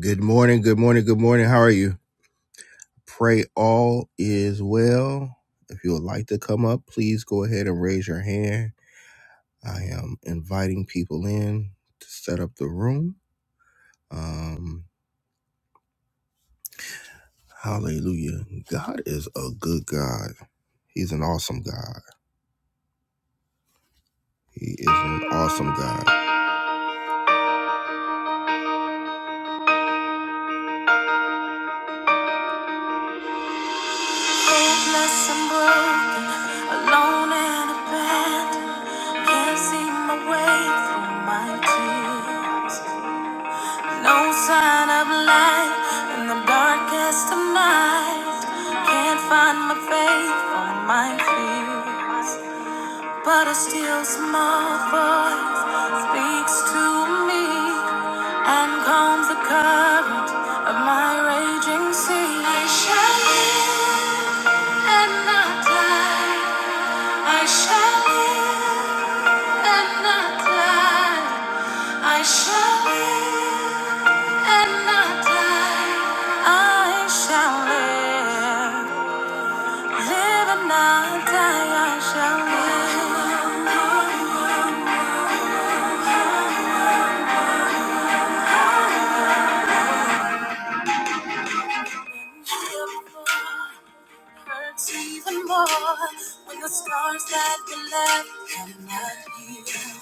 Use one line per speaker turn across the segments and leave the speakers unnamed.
Good morning, good morning, good morning. How are you? Pray all is well. If you would like to come up, please go ahead and raise your hand. I am inviting people in to set up the room. Um, hallelujah. God is a good God. He's an awesome God. He is an awesome God. Hopeless and broken, alone and abandoned. Can't see my way through my tears. No sign of light in the darkest of nights. Can't find my faith or my fears. But a still small voice speaks to me and calms the current of my raging sea. I shall live and not die. I shall live and not die. I shall live and not die. I shall live, live and not die. I shall live. Hurts even more when the scars that we left have not healed.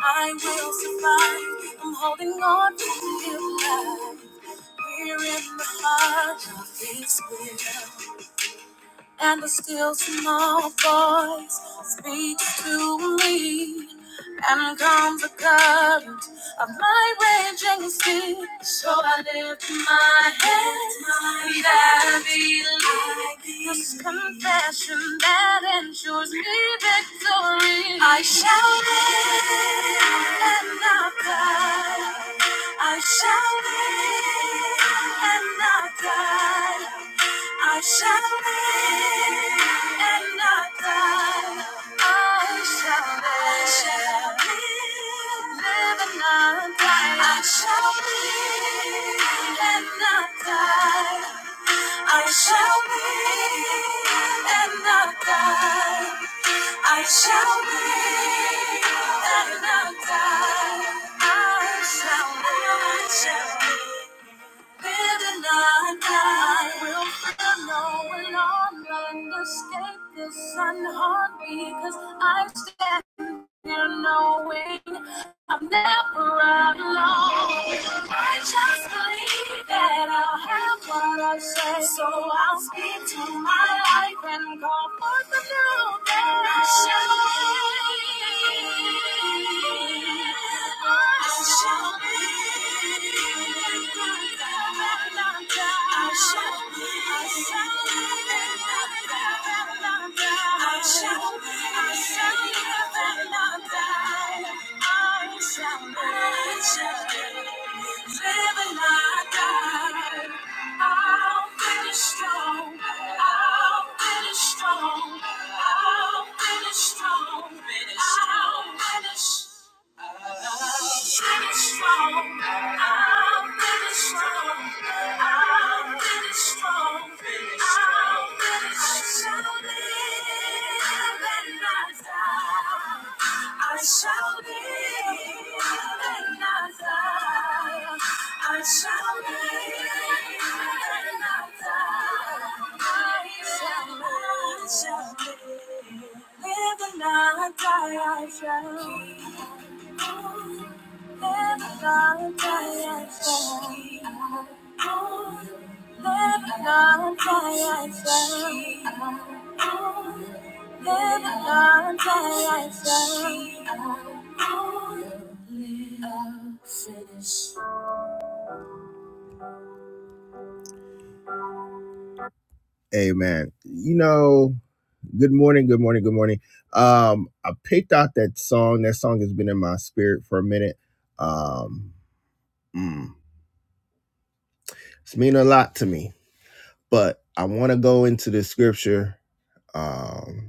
I will survive. I'm holding on to you. We're in the heart of His will and the still small voice speaks to me. And calms the current of my raging sea. So I lift my head that I believe this confession that ensures me victory. I shall live and not die. I shall live and not die. I shall live and not die. I shall live, live, and not die. I shall live and not die. I shall live and not die. I shall live and not die. I shall live, I shall live. Living night, I will feel no one on land, escape this unharmed because I stand and knowing I'm never alone. I just believe that I'll have what I say, so I'll speak to my life and call forth the new that I shall be. I shall be. I shall be. I shall be. I shall be. I shall be. Strong, I'll finish strong, finish strong, I'll finish. I shall live and not die. I shall live. I shall live and not die. I shall live and not die. I shall. live, Never gonna die as well. Never gonna die as well. Never gonna die as well. Amen. You know, good morning, good morning, good morning. Um, I picked out that song. That song has been in my spirit for a minute. Um, mm, it's meaning a lot to me But I want to go into the scripture. Um,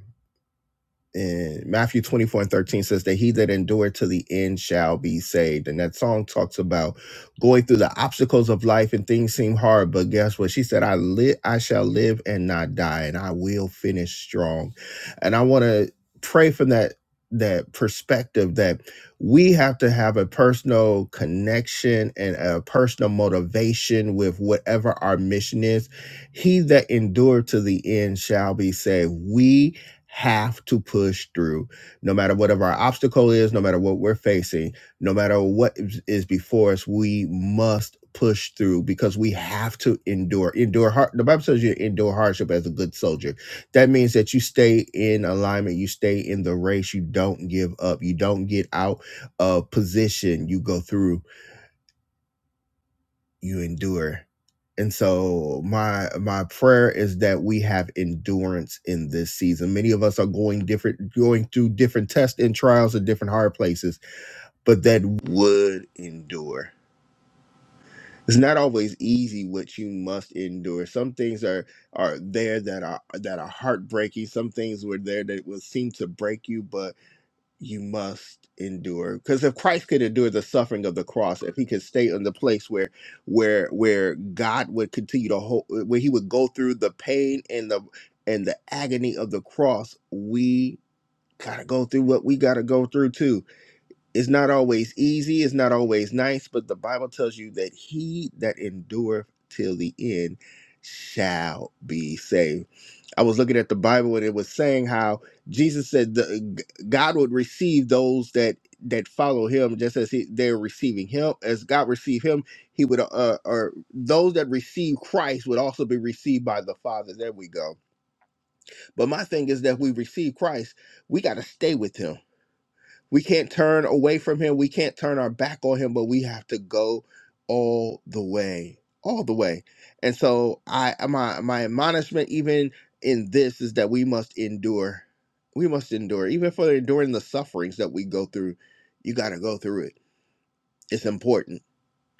and Matthew 24 and 13 says that he that endureth to the end shall be saved. And that song talks about going through the obstacles of life and things seem hard, but guess what? She said, I live, I shall live and not die, and I will finish strong. And I want to pray from that that perspective that we have to have a personal connection and a personal motivation with whatever our mission is. He that endured to the end shall be saved. We have to push through no matter whatever our obstacle is no matter what we're facing no matter what is is before us we must push through because we have to endure endure hard the bible says you endure hardship as a good soldier that means that you stay in alignment you stay in the race you don't give up you don't get out of position you go through you endure. And so my my prayer is that we have endurance in this season. Many of us are going different going through different tests and trials at different hard places, but that would endure. It's not always easy what you must endure. Some things are are there that are that are heartbreaking. Some things were there that will seem to break you, but you must endure because if christ could endure the suffering of the cross if he could stay in the place where where where god would continue to hold where he would go through the pain and the and the agony of the cross we gotta go through what we gotta go through too it's not always easy it's not always nice but the bible tells you that he that endureth till the end shall be saved I was looking at the Bible and it was saying how Jesus said the, God would receive those that that follow Him just as he, they're receiving Him. As God received Him, He would, uh, uh, or those that receive Christ would also be received by the Father. There we go. But my thing is that we receive Christ, we got to stay with Him we can't turn away from him. We can't turn our back on him, but we have to go all the way, all the way. And so I my my admonishment even in this is that we must endure. We must endure. Even for enduring the sufferings that we go through, you got to go through it. It's important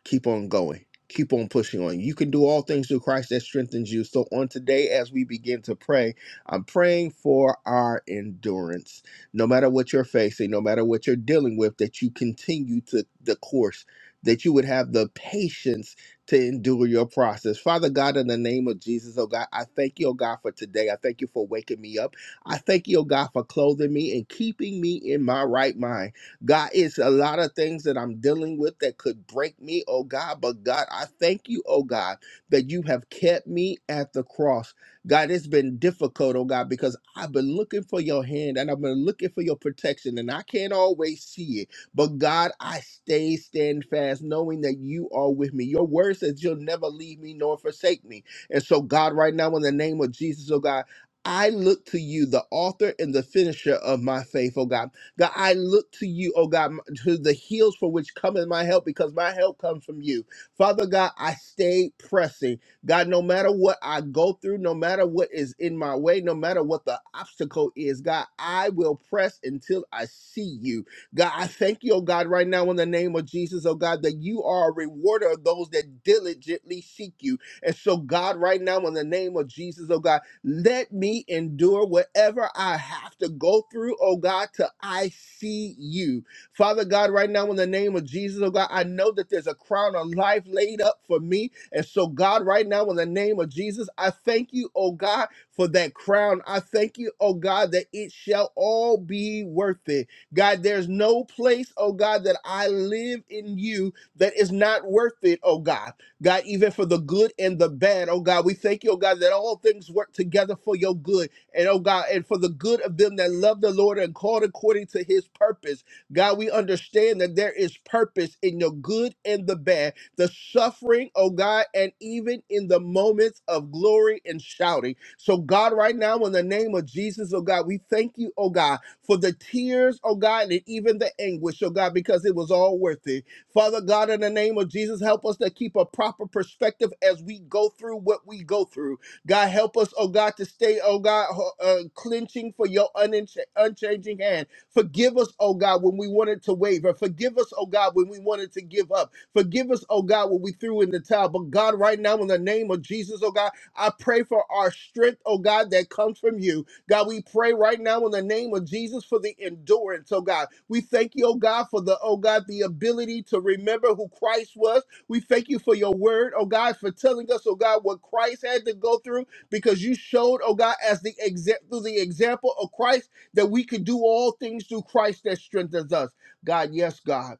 keep on going keep on pushing on you can do all things through christ that strengthens you so on today as we begin to pray i'm praying for our endurance no matter what you're facing no matter what you're dealing with that you continue to the course that you would have the patience to endure your process. Father God, in the name of Jesus, oh God, I thank you, oh God, for today. I thank you for waking me up. I thank you, oh God, for clothing me and keeping me in my right mind. God, it's a lot of things that I'm dealing with that could break me, oh God. But God, I thank you, oh God, that you have kept me at the cross. God, it's been difficult, oh God, because I've been looking for your hand and I've been looking for your protection, and I can't always see it. But God, I stay stand fast, knowing that you are with me. Your word says you'll never leave me nor forsake me. And so, God, right now, in the name of Jesus, oh God, I look to you, the author and the finisher of my faith, oh God. God, I look to you, oh God, to the hills for which cometh my help, because my help comes from you. Father God, I stay pressing. God, no matter what I go through, no matter what is in my way, no matter what the obstacle is, God, I will press until I see you. God, I thank you, oh God, right now in the name of Jesus, oh God, that you are a rewarder of those that diligently seek you. And so, God, right now in the name of Jesus, oh God, let me endure whatever I have to go through, oh God, till I see you. Father God, right now in the name of Jesus, oh God, I know that there's a crown of life laid up for me. And so, God, right now in the name of Jesus, I thank you, oh God, for that crown. I thank you, oh God, that it shall all be worth it. God, there's no place, oh God, that I live in you that is not worth it, oh God. God, even for the good and the bad. Oh God, we thank you, oh God, that all things work together for your good. And oh God, and for the good of them that love the Lord and called according to his purpose. God, we understand that there is purpose in your good and the bad, the suffering, oh God, and even in the moments of glory and shouting. So, God, right now, in the name of Jesus, oh God, we thank you, oh God, for the tears, oh God, and even the anguish, oh God, because it was all worth it. Father God, in the name of Jesus, help us to keep a proper perspective as we go through what we go through. God, help us, oh God, to stay, oh God, ho- uh, clenching for your uninch- unchanging hand. Forgive us, oh God, when we wanted to waver. Forgive us, oh God, when we wanted to give up. Forgive us, oh God, when we threw in the towel. But God, right now, in the name of Jesus, oh God, I pray for our strength, oh God, that comes from you. God, we pray right now in the name of Jesus for the endurance, oh God. We thank you, oh God, for the, oh God, the ability to remember who Christ was. We thank you for your word, oh God, for telling us, oh God, what Christ had to go through because you showed, oh God, as the example, through the example of Christ, that we could do all things through Christ that strengthens us. God, yes, God.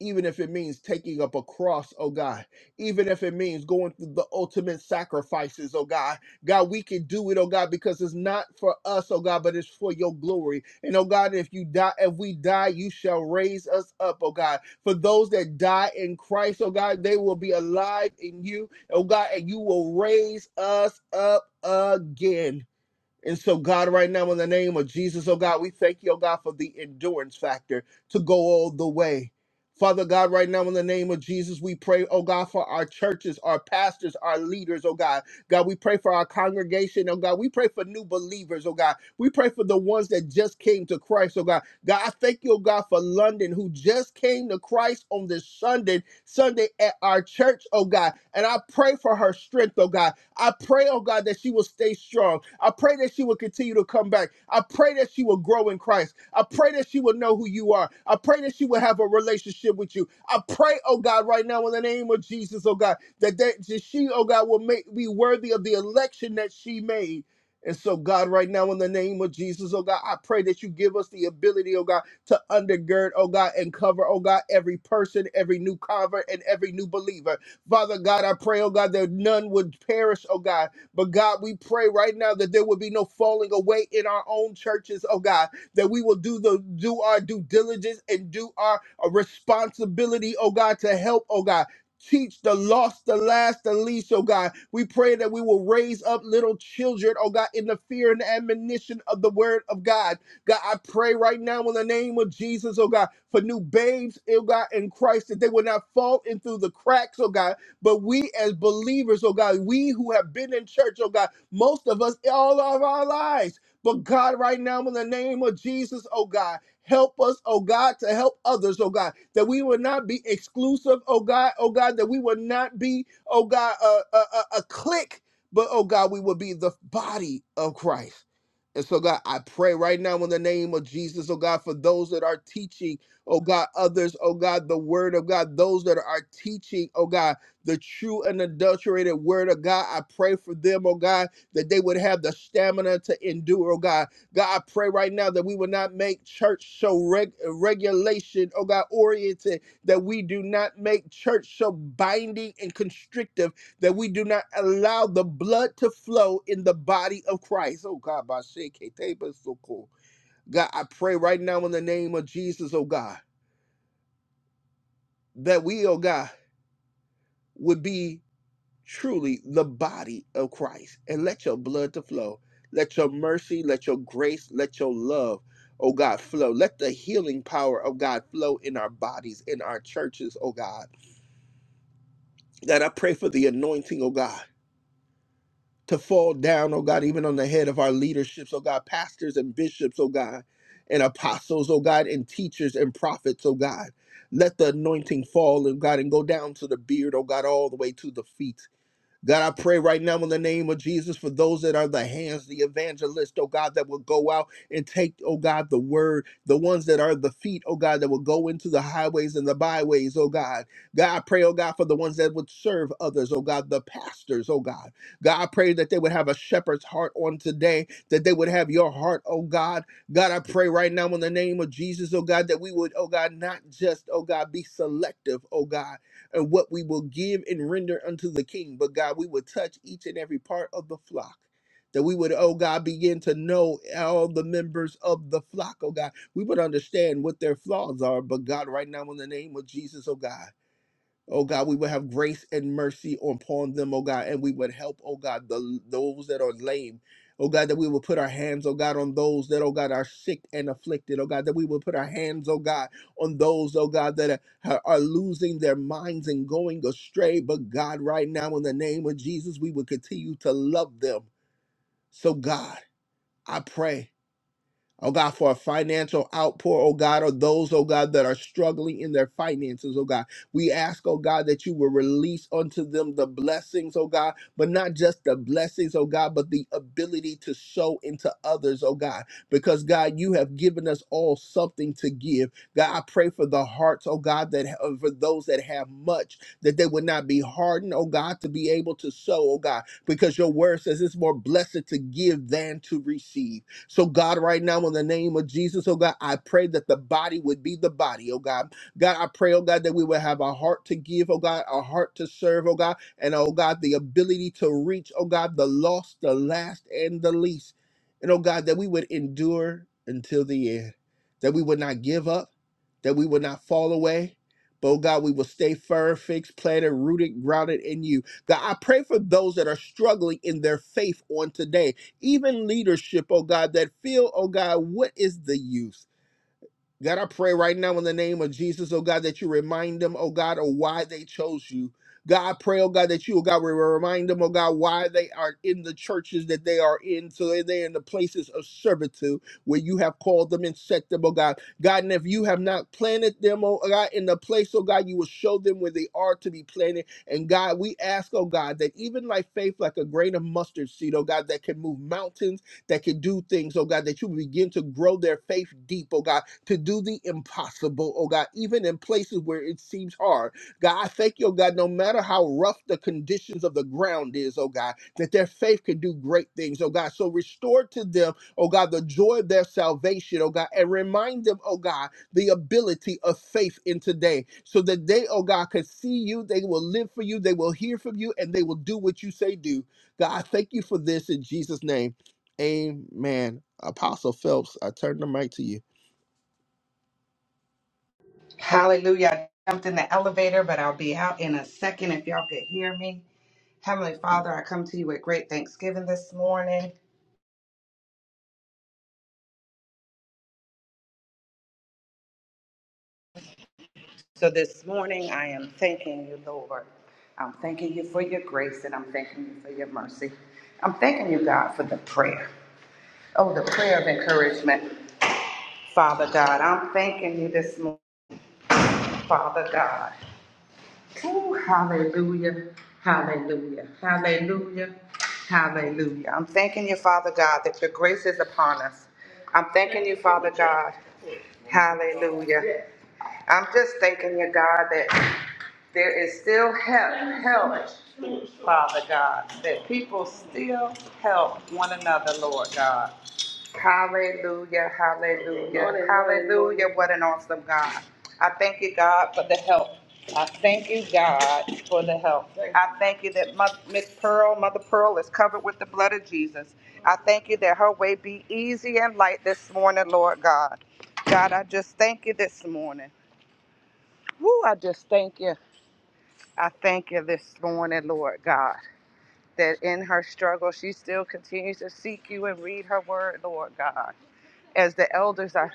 Even if it means taking up a cross, oh God, even if it means going through the ultimate sacrifices, oh God, God, we can do it, oh God, because it's not for us, oh God, but it's for your glory. And oh God, if you die, if we die, you shall raise us up, oh God. For those that die in Christ, oh God, they will be alive in you, oh God, and you will raise us up again. And so, God, right now, in the name of Jesus, oh God, we thank you, oh God, for the endurance factor to go all the way. Father God, right now, in the name of Jesus, we pray, oh God, for our churches, our pastors, our leaders, oh God. God, we pray for our congregation, oh God. We pray for new believers, oh God. We pray for the ones that just came to Christ, oh God. God, I thank you, oh God, for London, who just came to Christ on this Sunday, Sunday at our church, oh God. And I pray for her strength, oh God. I pray, oh God, that she will stay strong. I pray that she will continue to come back. I pray that she will grow in Christ. I pray that she will know who you are. I pray that she will have a relationship with you. I pray, oh God, right now in the name of Jesus, oh God, that, that, that she, oh God, will make be worthy of the election that she made. And so, God, right now, in the name of Jesus, oh God, I pray that you give us the ability, oh God, to undergird, oh God, and cover, oh God, every person, every new convert, and every new believer. Father God, I pray, oh God, that none would perish, oh God. But God, we pray right now that there would be no falling away in our own churches, oh God, that we will do the do our due diligence and do our uh, responsibility, oh God, to help, oh God teach the lost, the last, the least, oh God. We pray that we will raise up little children, oh God, in the fear and admonition of the word of God. God, I pray right now in the name of Jesus, oh God, for new babes, oh God, in Christ, that they will not fall in through the cracks, oh God, but we as believers, oh God, we who have been in church, oh God, most of us all of our lives. But God, right now, in the name of Jesus, oh God, help us, oh God, to help others, oh God, that we will not be exclusive, oh God, oh God, that we will not be, oh God, a, a, a a clique, but oh God, we will be the body of Christ. And so, God, I pray right now in the name of Jesus, oh God, for those that are teaching, oh God, others, oh God, the word of God, those that are teaching, oh God the true and adulterated word of God. I pray for them, oh God, that they would have the stamina to endure, oh God. God, I pray right now that we would not make church so reg- regulation, oh God, oriented, that we do not make church so binding and constrictive, that we do not allow the blood to flow in the body of Christ. Oh God, by shake, hey, so cool. God, I pray right now in the name of Jesus, oh God, that we, oh God, would be truly the body of Christ and let your blood to flow. Let your mercy, let your grace, let your love, oh God, flow. Let the healing power of God flow in our bodies, in our churches, oh God. That I pray for the anointing, oh God, to fall down, oh God, even on the head of our leaderships, oh God, pastors and bishops, oh God, and apostles, oh God, and teachers and prophets, oh God. Let the anointing fall, oh God, and go down to the beard, oh God, all the way to the feet. God, I pray right now in the name of Jesus for those that are the hands, the evangelist, oh God, that will go out and take, oh God, the word, the ones that are the feet, oh God, that will go into the highways and the byways, oh God. God, I pray, oh God, for the ones that would serve others, oh God, the pastors, oh God. God, I pray that they would have a shepherd's heart on today, that they would have your heart, oh God. God, I pray right now in the name of Jesus, oh God, that we would, oh God, not just, oh God, be selective, oh God and what we will give and render unto the king. But God, we would touch each and every part of the flock. That we would, oh God, begin to know all the members of the flock, oh God. We would understand what their flaws are, but God, right now, in the name of Jesus, oh God. Oh God, we would have grace and mercy upon them, oh God, and we would help, oh God, the those that are lame. Oh God, that we would put our hands, oh God, on those that, oh God, are sick and afflicted. Oh God, that we would put our hands, oh God, on those, oh God, that are, are losing their minds and going astray. But God, right now, in the name of Jesus, we would continue to love them. So God, I pray. Oh God, for a financial outpour, oh God, or those, oh God, that are struggling in their finances, oh God. We ask, oh God, that you will release unto them the blessings, oh God, but not just the blessings, oh God, but the ability to sow into others, oh God, because God, you have given us all something to give. God, I pray for the hearts, oh God, that ha- for those that have much, that they would not be hardened, oh God, to be able to sow, oh God, because your word says it's more blessed to give than to receive. So, God, right now, in the name of Jesus, oh God, I pray that the body would be the body, oh God. God, I pray, oh God, that we would have a heart to give, oh God, a heart to serve, oh God, and oh God, the ability to reach, oh God, the lost, the last, and the least. And oh God, that we would endure until the end, that we would not give up, that we would not fall away. But oh God, we will stay firm, fixed, planted, rooted, grounded in you. God, I pray for those that are struggling in their faith on today even leadership, oh God, that feel, oh God, what is the use? God, I pray right now in the name of Jesus, oh God, that you remind them, oh God, of why they chose you. God, I pray, oh God, that you, oh God, will remind them, oh God, why they are in the churches that they are in, so that they're in the places of servitude where you have called them and set them, oh God. God, and if you have not planted them, oh God, in the place, oh God, you will show them where they are to be planted. And God, we ask, oh God, that even like faith, like a grain of mustard seed, oh God, that can move mountains that can do things, oh God, that you begin to grow their faith deep, oh God, to do the impossible, oh God, even in places where it seems hard. God, I thank you, oh God, no matter how rough the conditions of the ground is, oh God, that their faith can do great things, oh God. So restore to them, oh God, the joy of their salvation, oh God, and remind them, oh God, the ability of faith in today so that they, oh God, can see you, they will live for you, they will hear from you, and they will do what you say do. God, I thank you for this in Jesus' name. Amen. Apostle Phelps, I turn the mic to you.
Hallelujah. I jumped in the elevator, but I'll be out in a second if y'all could hear me. Heavenly Father, I come to you with great thanksgiving this morning. So this morning, I am thanking you, Lord. I'm thanking you for your grace and I'm thanking you for your mercy. I'm thanking you, God, for the prayer. Oh, the prayer of encouragement. Father God, I'm thanking you this morning, Father God. Ooh, hallelujah, hallelujah, hallelujah, hallelujah. I'm thanking you, Father God, that your grace is upon us. I'm thanking you, Father God, hallelujah. I'm just thanking you, God, that there is still help, help, Father God, that people still help one another, Lord God. Hallelujah, hallelujah, hallelujah. What an awesome God. I thank you, God, for the help. I thank you, God, for the help. I thank you that Mo- Miss Pearl, Mother Pearl, is covered with the blood of Jesus. I thank you that her way be easy and light this morning, Lord God. God, I just thank you this morning. Woo, I just thank you. I thank you this morning, Lord God, that in her struggle, she still continues to seek you and read her word, Lord God as the elders are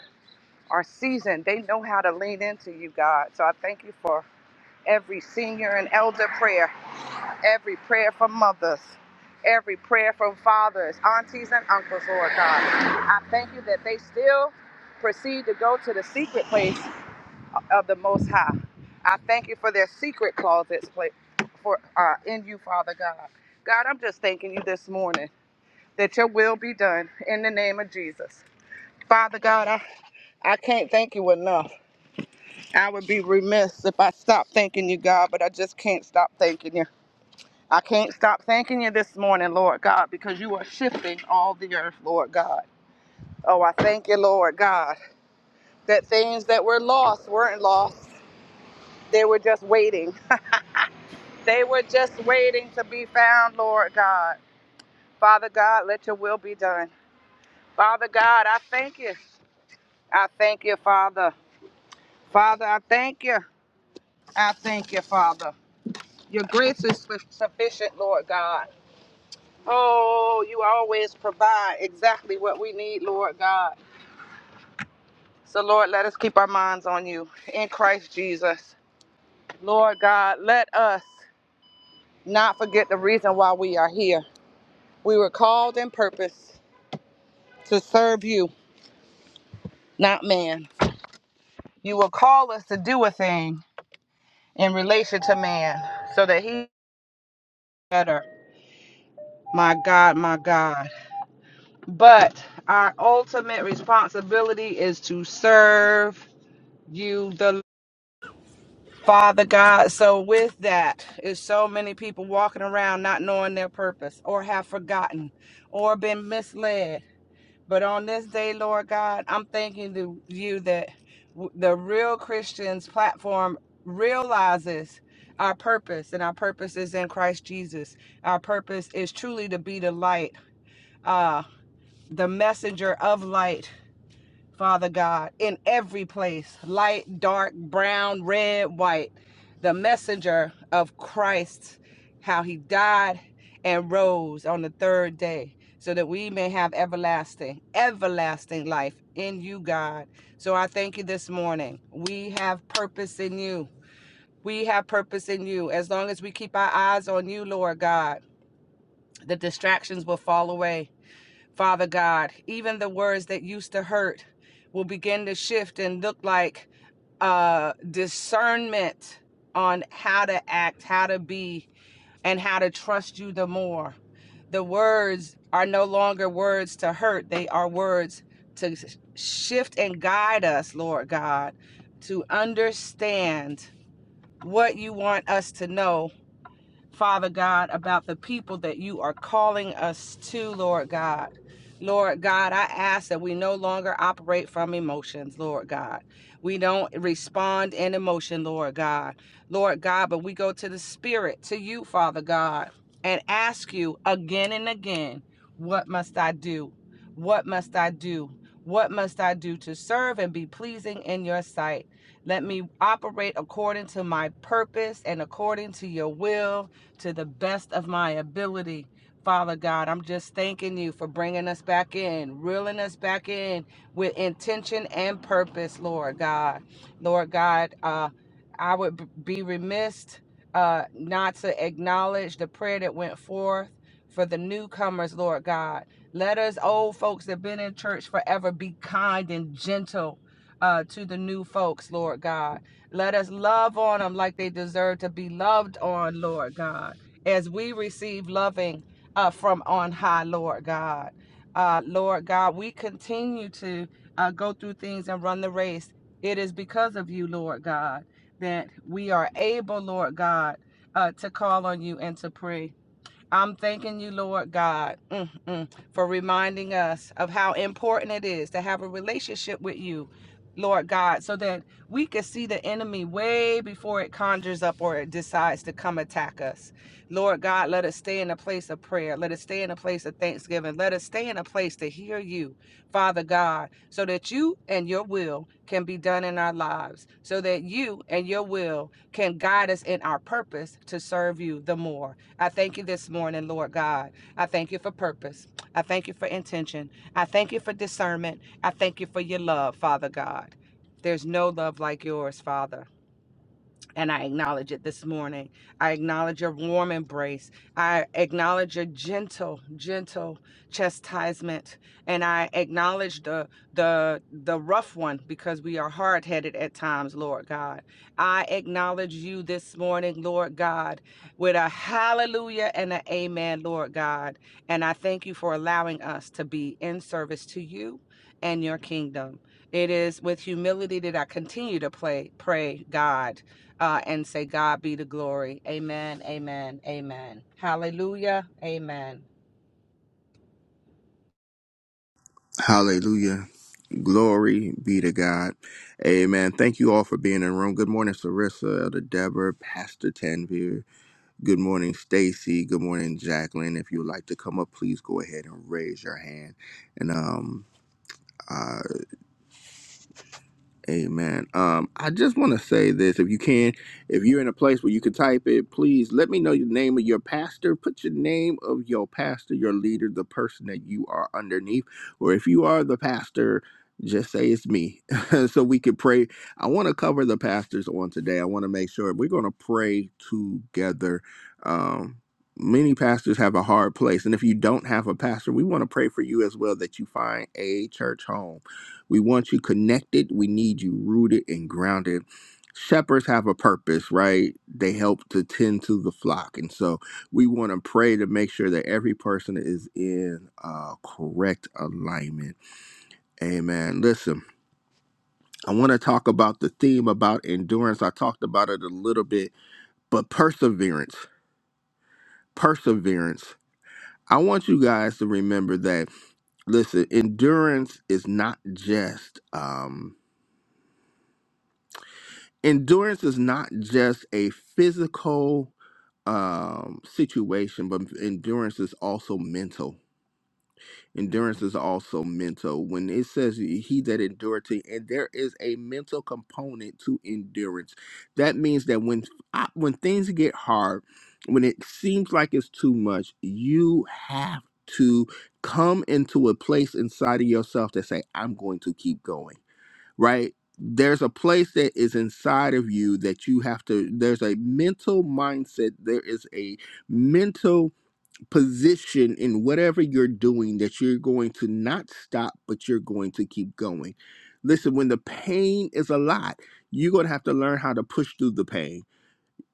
are seasoned. They know how to lean into you, God. So I thank you for every senior and elder prayer, every prayer from mothers, every prayer from fathers, aunties, and uncles, Lord God. I thank you that they still proceed to go to the secret place of the Most High. I thank you for their secret closets pla- for uh, in you, Father God. God, I'm just thanking you this morning that your will be done in the name of Jesus. Father God, I, I can't thank you enough. I would be remiss if I stopped thanking you, God, but I just can't stop thanking you. I can't stop thanking you this morning, Lord God, because you are shifting all the earth, Lord God. Oh, I thank you, Lord God, that things that were lost weren't lost. They were just waiting. They were just waiting to be found, Lord God. Father God, let your will be done. Father God, I thank you. I thank you, Father. Father, I thank you. I thank you, Father. Your grace is sufficient, Lord God. Oh, you always provide exactly what we need, Lord God. So, Lord, let us keep our minds on you in Christ Jesus. Lord God, let us not forget the reason why we are here. We were called and purposed to serve you, not man. You will call us to do a thing in relation to man so that he better. My God, my God. But our ultimate responsibility is to serve you. The Father God, so with that is so many people walking around not knowing their purpose or have forgotten or been misled. But on this day, Lord God, I'm thanking the- you that w- the Real Christians platform realizes our purpose, and our purpose is in Christ Jesus. Our purpose is truly to be the light, uh, the messenger of light Father God, in every place light, dark, brown, red, white the messenger of Christ, how he died and rose on the third day, so that we may have everlasting, everlasting life in you, God. So I thank you this morning. We have purpose in you. We have purpose in you. As long as we keep our eyes on you, Lord God, the distractions will fall away. Father God, even the words that used to hurt will begin to shift and look like uh, discernment on how to act, how to be, and how to trust you the more. The words are no longer words to hurt, they are words to shift and guide us, Lord God, to understand what you want us to know Father God, about the people that you are calling us to, Lord God. Lord God, I ask that we no longer operate from emotions, Lord God. We don't respond in emotion, Lord God. Lord God, but we go to the Spirit, to you, Father God, and ask you again and again, what must I do? What must I do? What must I do to serve and be pleasing in your sight? Let me operate according to my purpose and according to your will to the best of my ability. Father God, I'm just thanking you for bringing us back in, reeling us back in with intention and purpose, Lord God. Lord God, uh, I would be remiss uh, not to acknowledge the prayer that went forth for the newcomers, Lord God. Let us old folks that have been in church forever be kind and gentle uh, to the new folks, Lord God. Let us love on them like they deserve to be loved on, Lord God, as we receive loving uh, from on high, Lord God. Uh, Lord God, we continue to uh, go through things and run the race. It is because of you, Lord God, that we are able, Lord God, uh, to call on you and to pray. I'm thanking you, Lord God, mm, mm, for reminding us of how important it is to have a relationship with you, Lord God, so that we can see the enemy way before it conjures up or it decides to come attack us. Lord God, let us stay in a place of prayer. Let us stay in a place of thanksgiving. Let us stay in a place to hear you, Father God, so that you and your will can be done in our lives, so that you and your will can guide us in our purpose to serve you the more. I thank you this morning, Lord God. I thank you for purpose. I thank you for intention. I thank you for discernment. I thank you for your love, Father God. There's no love like yours, Father and I acknowledge it this morning. I acknowledge your warm embrace. I acknowledge your gentle, gentle chastisement, and I acknowledge the the the rough one because we are hard headed at times, Lord God. I acknowledge you this morning, Lord God, with a hallelujah and an amen, Lord God. And I thank you for allowing us to be in service to you and your kingdom. It is with humility that I continue to play, pray, God uh, and say, God be the glory. Amen, amen, amen. Hallelujah, amen.
Hallelujah. Glory be to God. Amen. Thank you all for being in the room. Good morning, Sarissa, Elder Deborah, Pastor Tanvir. Good morning, Stacy. Good morning, Jacqueline. If you would like to come up, please go ahead and raise your hand. And um Amen. Um, I just want to say this: if you can, if you're in a place where you can type it, please let me know the name of your pastor. Put your name of your pastor, your leader, the person that you are underneath, or if you are the pastor, just say it's me, so we could pray. I want to cover the pastors on today. I want to make sure we're going to pray together. Um, many pastors have a hard place, and if you don't have a pastor, we want to pray for you as well that you find a church home we want you connected. We need you rooted and grounded. Shepherds have a purpose, right? They help to tend to the flock. And so we want to pray to make sure that every person is in uh, correct alignment. Amen. Listen, I want to talk about the theme about endurance. I talked about it a little bit, but perseverance, perseverance. I want you guys to remember that, listen, endurance is not just, um. endurance is not just a physical um situation but endurance is also mental endurance is also mental when it says he that endured to and there is a mental component to endurance that means that when I, when things get hard when it seems like it's too much you have to come into a place inside of yourself that say i'm going to keep going right? There's a place that is inside of you that you have to, there's a mental mindset, there is a mental position in whatever you're doing that you're going to not stop, but you're going to keep going. Listen, when the pain is a lot, you're going to have to learn how to push through the pain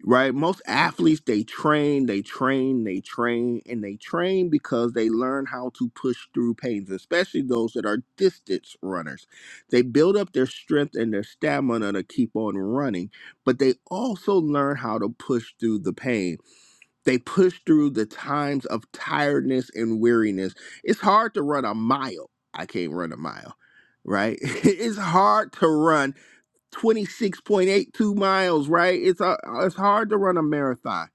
right? Most athletes they train, they train, they train, and they train because they learn how to push through pains, especially those that are distance runners. They build up their strength and their stamina to keep on running, but they also learn how to push through the pain. They push through the times of tiredness and weariness. It's hard to run a mile. I can't run a mile. Right? it's hard to run 26.82 miles, right? It's a, it's hard to run a marathon.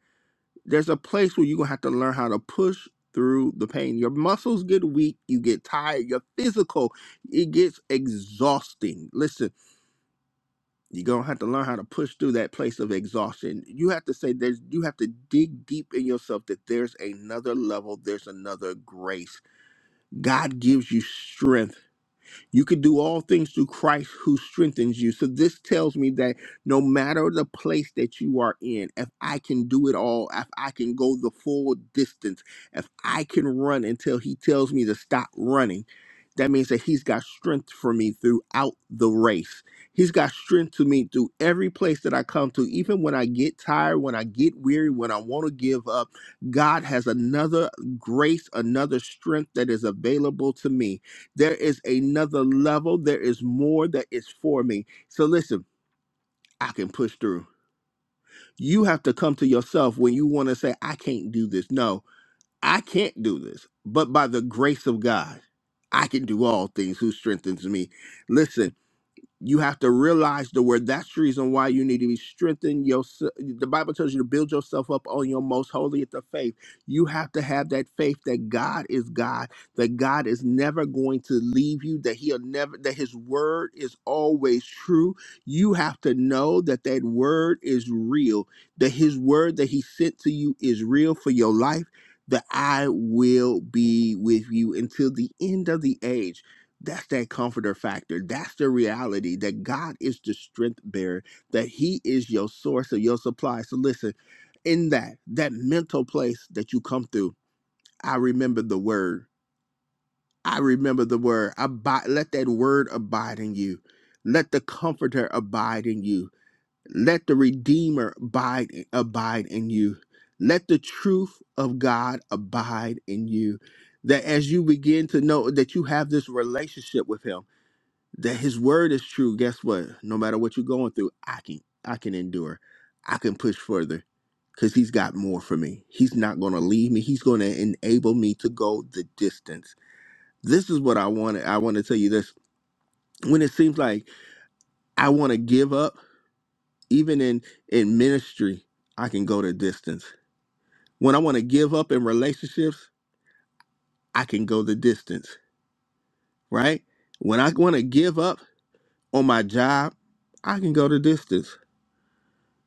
There's a place where you're gonna have to learn how to push through the pain. Your muscles get weak, you get tired, your physical, it gets exhausting. Listen, you're gonna have to learn how to push through that place of exhaustion. You have to say there's you have to dig deep in yourself that there's another level, there's another grace. God gives you strength you could do all things through Christ who strengthens you. So this tells me that no matter the place that you are in, if I can do it all, if I can go the full distance, if I can run until he tells me to stop running, that means that he's got strength for me throughout the race. He's got strength to me through every place that I come to, even when I get tired, when I get weary, when I want to give up. God has another grace, another strength that is available to me there is another level. There is more that is for me. So listen, I can push through. You have to come to yourself when you want to say, I can't do this. No, I can't do this. But by the grace of God, I can do all things who strengthens me. Listen you have to realize the word that's the reason why you need to be strengthened yourself the bible tells you to build yourself up on your most holy of the faith you have to have that faith that god is god that god is never going to leave you that he'll never that his word is always true you have to know that that word is real that his word that he sent to you is real for your life that i will be with you until the end of the age that's that comforter factor. That's the reality that God is the strength bearer, that He is your source of your supply. So listen, in that, that mental place that you come through, I remember the word. I remember the word. Abide, let that word abide in you. Let the comforter abide in you. Let the redeemer abide, abide in you. Let the truth of God abide in you. That as you begin to know that you have this relationship with Him that his word is true guess what no matter what you're going through i can i can endure i can push further because he's got more for me he's not going to leave me he's going to enable me to go the distance this is what i wanted i want to tell you this when it seems like i want to give up even in in ministry i can go the distance when i want to give up in relationships i can go the distance right when i want to give up on my job i can go the distance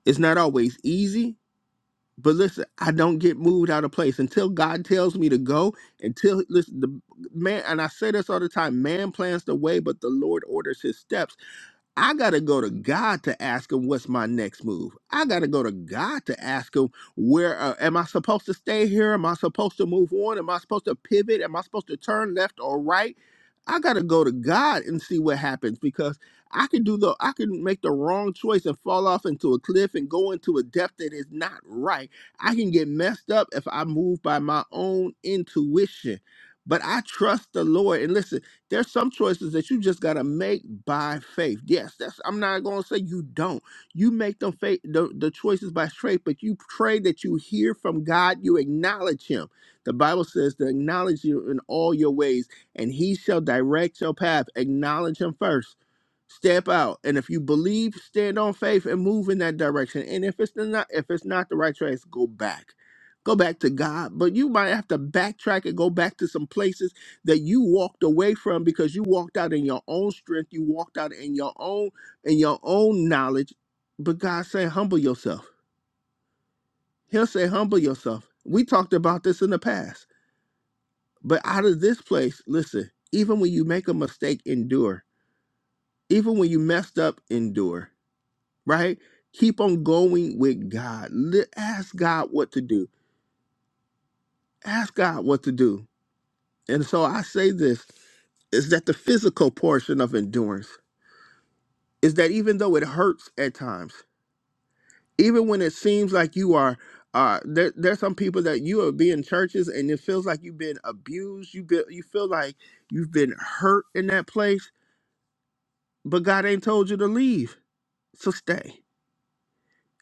it's not always easy But listen, I don't get moved out of place until God tells me to go. Until listen, the man and I say this all the time: man plans the way, but the Lord orders his steps. I got to go to God to ask him what's my next move. I got to go to God to ask him where uh, am I supposed to stay here? Am I supposed to move on? Am I supposed to pivot? Am I supposed to turn left or right? I got to go to God and see what happens because I can do the I can make the wrong choice and fall off into a cliff and go into a depth that is not right. I can get messed up if I move by my own intuition. But I trust the Lord and listen there's some choices that you just gotta make by faith. Yes, that's I'm not gonna say you don't. You make them faith the, the choices by faith, but you pray that you hear from God, you acknowledge him. The Bible says to acknowledge you in all your ways, and he shall direct your path. Acknowledge him first. Step out. And if you believe, stand on faith and move in that direction. And if it's not if it's not the right choice, go back. Go back to God. But you might have to backtrack and go back to some places that you walked away from because you walked out in your own strength, you walked out in your own in your own knowledge. But God said, humble yourself. He'll say, humble yourself. We talked about this in the past. But out of this place, listen, even when you make a mistake, endure. Even when you messed up, endure. Right? Keep on going with God. Li- Ask God what to do. Ask God what to do. And so I say this is that the physical portion of endurance is that even though it hurts at times, even when it seems like you are, uh, there, there's some people that you are being churches and it feels like you've been abused. You be, you feel like you've been hurt in that place, but God ain't told you to leave, so stay.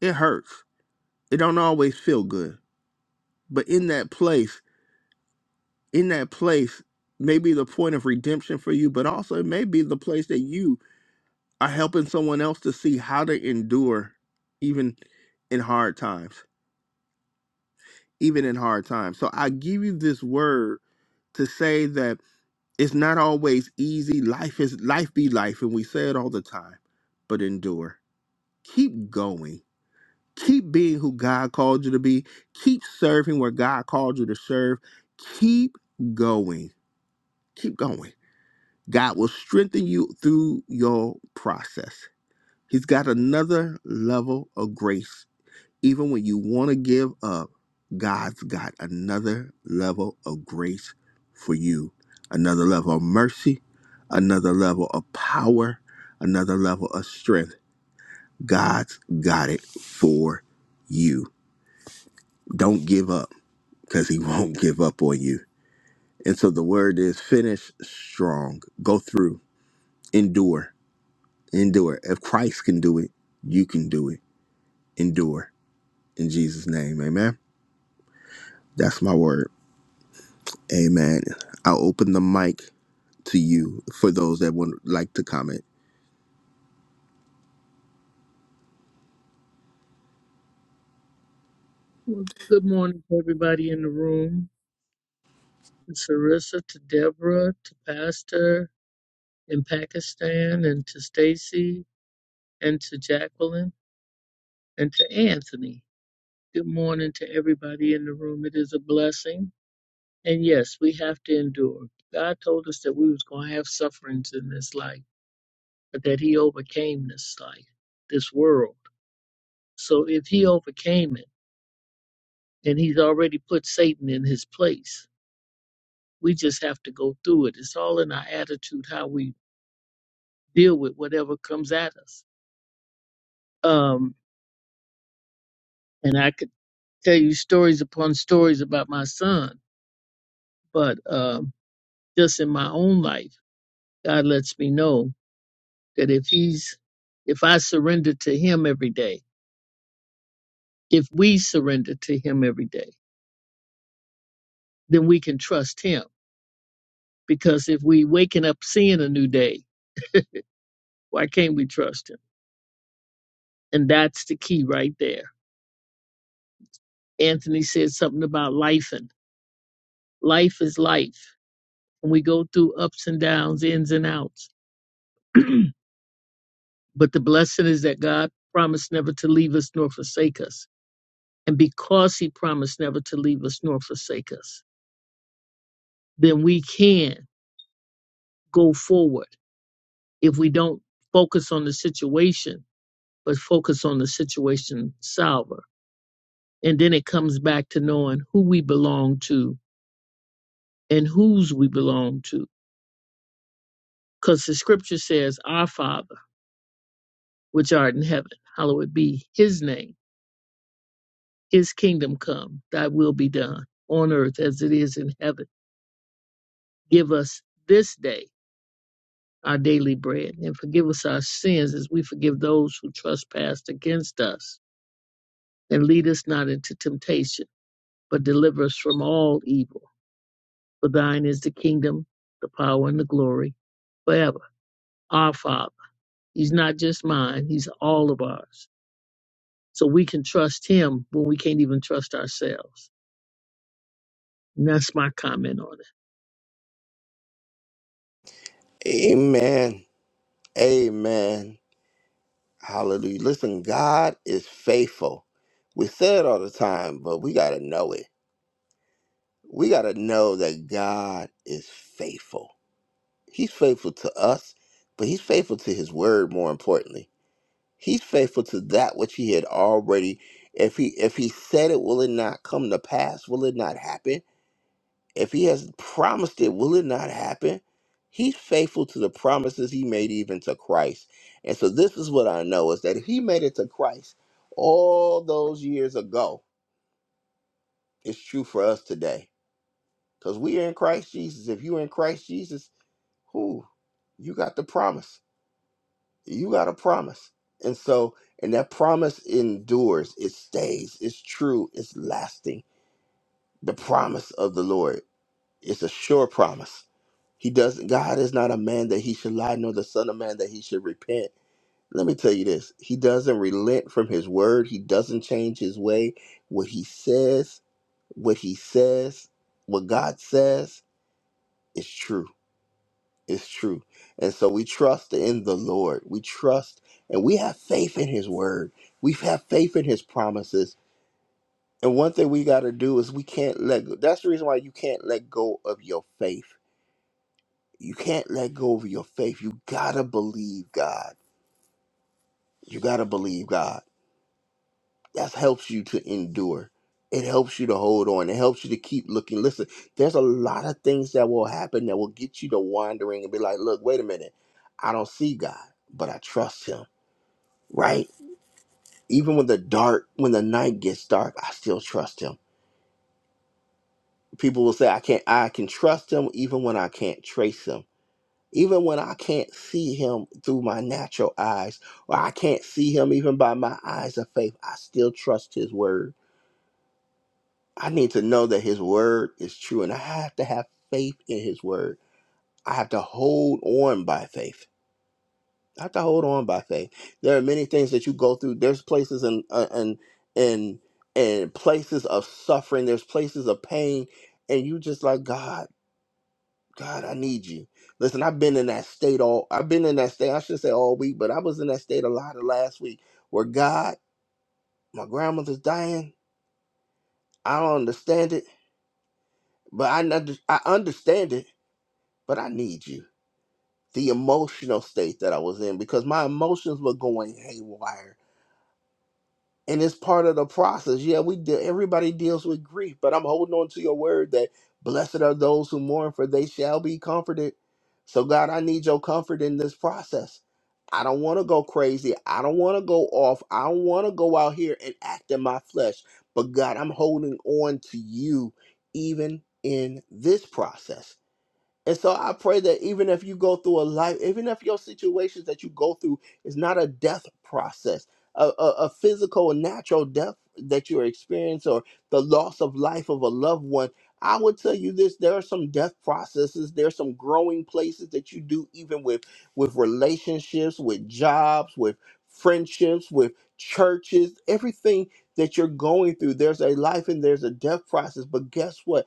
It hurts. It don't always feel good, but in that place, in that place, may be the point of redemption for you, but also it may be the place that you are helping someone else to see how to endure, even in hard times even in hard times. So I give you this word to say that it's not always easy. Life is life be life, and we say it all the time, but endure. Keep going. Keep being who God called you to be. Keep serving where God called you to serve. Keep going. Keep going. God will strengthen you through your process. He's got another level of grace even when you want to give up, God's got another level of grace for you, another level of mercy, another level of power, another level of strength. God's got it for you. Don't give up because He won't give up on you. And so the word is finish strong, go through, endure, endure. If Christ can do it, you can do it. Endure in Jesus' name. Amen. That's my word. Amen. I'll open the mic to you for those that would like to comment.
Well, good morning to everybody in the room, to Sarissa, to Deborah, to Pastor in Pakistan, and to Stacy, and to Jacqueline, and to Anthony. Good morning to everybody in the room. It is a blessing. And yes, we have to endure. God told us that we was going to have sufferings in this life, but that he overcame this life, this world. So if he overcame it, then he's already put Satan in his place. We just have to go through it. It's all in our attitude, how we deal with whatever comes at us. Um, and I could tell you stories upon stories about my son, but um, just in my own life, God lets me know that if he's, if I surrender to him every day, if we surrender to him every day, then we can trust him. Because if we waking up seeing a new day, why can't we trust him? And that's the key right there. Anthony said something about life life is life and we go through ups and downs ins and outs but the blessing is that god promised never to leave us nor forsake us and because he promised never to leave us nor forsake us then we can go forward if we don't focus on the situation but focus on the situation solver and then it comes back to knowing who we belong to and whose we belong to because the scripture says our father which art in heaven hallowed be his name His kingdom come, thy will be done on earth as it is in heaven. Give us this day our daily bread and forgive us our sins as we forgive those who trespass against us. And lead us not into temptation, but deliver us from all evil. For thine is the kingdom, the power, and the glory forever. Our Father. He's not just mine, He's all of ours. So we can trust Him when we can't even trust ourselves. And that's my comment on it.
Amen. Amen. Hallelujah. Listen, God is faithful. We say it all the time, but we got to know it. We got to know that God is faithful. He's faithful to us, but He's faithful to His word, more importantly. He's faithful to that which He had already. If he if he said it, will it not come to pass? Will it not happen? If he has promised it, will it not happen? He's faithful to the promises he made even to Christ. And so this is what I know is that if he made it to Christ all those years ago, it's true for us today. Because we are in Christ Jesus. If you're in Christ Jesus, who you got the promise. You got a promise. And so, and that promise endures, it stays, it's true, it's lasting. The promise of the Lord. It's a sure promise. He doesn't. God is not a man that he should lie, nor the son of man that he should repent. Let me tell you this: He doesn't relent from his word. He doesn't change his way. What he says, what he says, what God says is true. It's true. And so we trust in the Lord. We trust and we have faith in his word. We have faith in his promises. And one thing we got to do is we can't let go. That's the reason why you can't let go of your faith You can't let go of your faith. You gotta believe God. You gotta believe God. That helps you to endure. It helps you to hold on. It helps you to keep looking. Listen, there's a lot of things that will happen that will get you to wandering and be like, look, wait a minute. I don't see God, but I trust him, right? Even when the dark, when the night gets dark, I still trust him. People will say, I can't, I can trust him even when I can't trace him even when I can't see him through my natural eyes, or I can't see him even by my eyes of faith, I still trust his word. I need to know that his word is true, and I have to have faith in his word. I have to hold on by faith. I have to hold on by faith. There are many things that you go through. There's places and and and and places of suffering. There's places of pain, and you just like God. God, I need you. Listen, I've been in that state all I've been in that state, I should say all week, but I was in that state a lot of last week where God, my grandmother's dying. I don't understand it, but I under- I understand it, but I need you. The emotional state that I was in because my emotions were going haywire. and it's part of the process. Yeah, we deal. Everybody deals with grief, but I'm holding on to your word that blessed are those who mourn, for they shall be comforted. So, God, I need your comfort in this process. I don't want to go crazy. I don't want to go off. I don't want to go out here and act in my flesh. But God, I'm holding on to you even in this process. And so I pray that even if you go through a life, even if your situations that you go through is not a death process, a, a, a physical and natural death that you're experiencing or the loss of life of a loved one, I would tell you this, there are some death processes, There are some growing places that you do even with with relationships, with jobs, with friendships, with churches, everything that you're going through, there's a life and there's a death process. But guess what?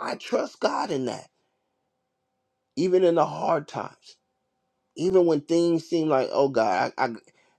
I trust God in that even in the hard times, even when things seem like, oh God, I, I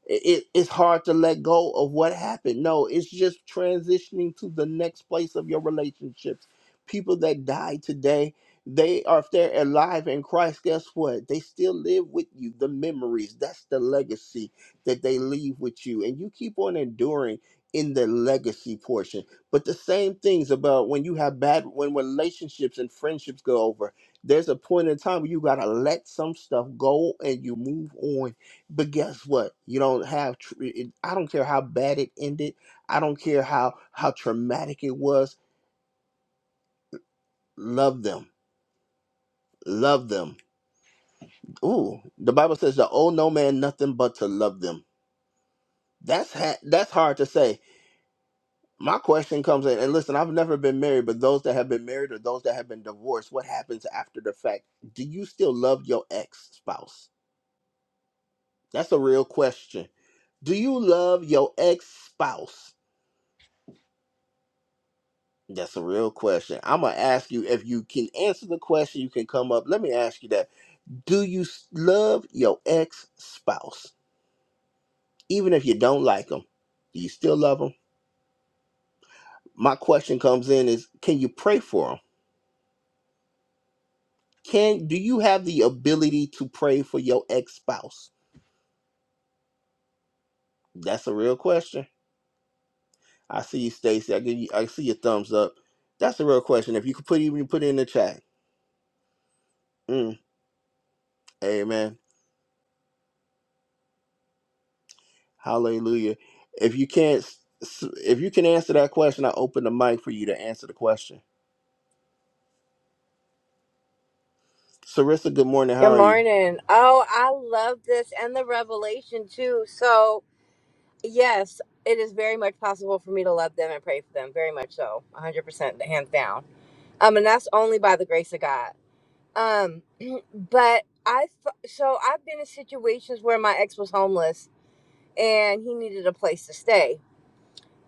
it, it's hard to let go of what happened. No, it's just transitioning to the next place of your relationships. People that die today, they are if they're alive in Christ, guess what? They still live with you. The memories, that's the legacy that they leave with you. And you keep on enduring in the legacy portion. But the same things about when you have bad when relationships and friendships go over there's a point in time where you gotta let some stuff go and you move on. But guess what? You don't have. tr- it- I don't care how bad it ended. I don't care how how traumatic it was. Love them. Love them. Ooh, the Bible says the owe no man nothing but to love them. That's ha- that's hard to say. My question comes in, and listen, I've never been married, but those that have been married or those that have been divorced, what happens after the fact? Do you still love your ex spouse? That's a real question. Do you love your ex spouse? That's a real question. I'm going to ask you if you can answer the question, you can come up. Let me ask you that. Do you s- love your ex spouse? Even if you don't like them, do you still love them? My question comes in is can you pray for them? Can do you have the ability to pray for your ex spouse? That's a real question. I see you, Stacy. I give you I see your thumbs up. That's a real question. If you could put even put it in the chat. Mm, amen. Hallelujah. If you can't, if you can answer that question, I open the mic for you to answer the question. Sarissa, good morning. How
Good
are you?
morning. Oh, I love this and the revelation too. So, yes, it is very much possible for me to love them and pray for them. Very much so. 100% hands down. Um and that's only by the grace of God. Um but I th- so I've been in situations where my ex was homeless and he needed a place to stay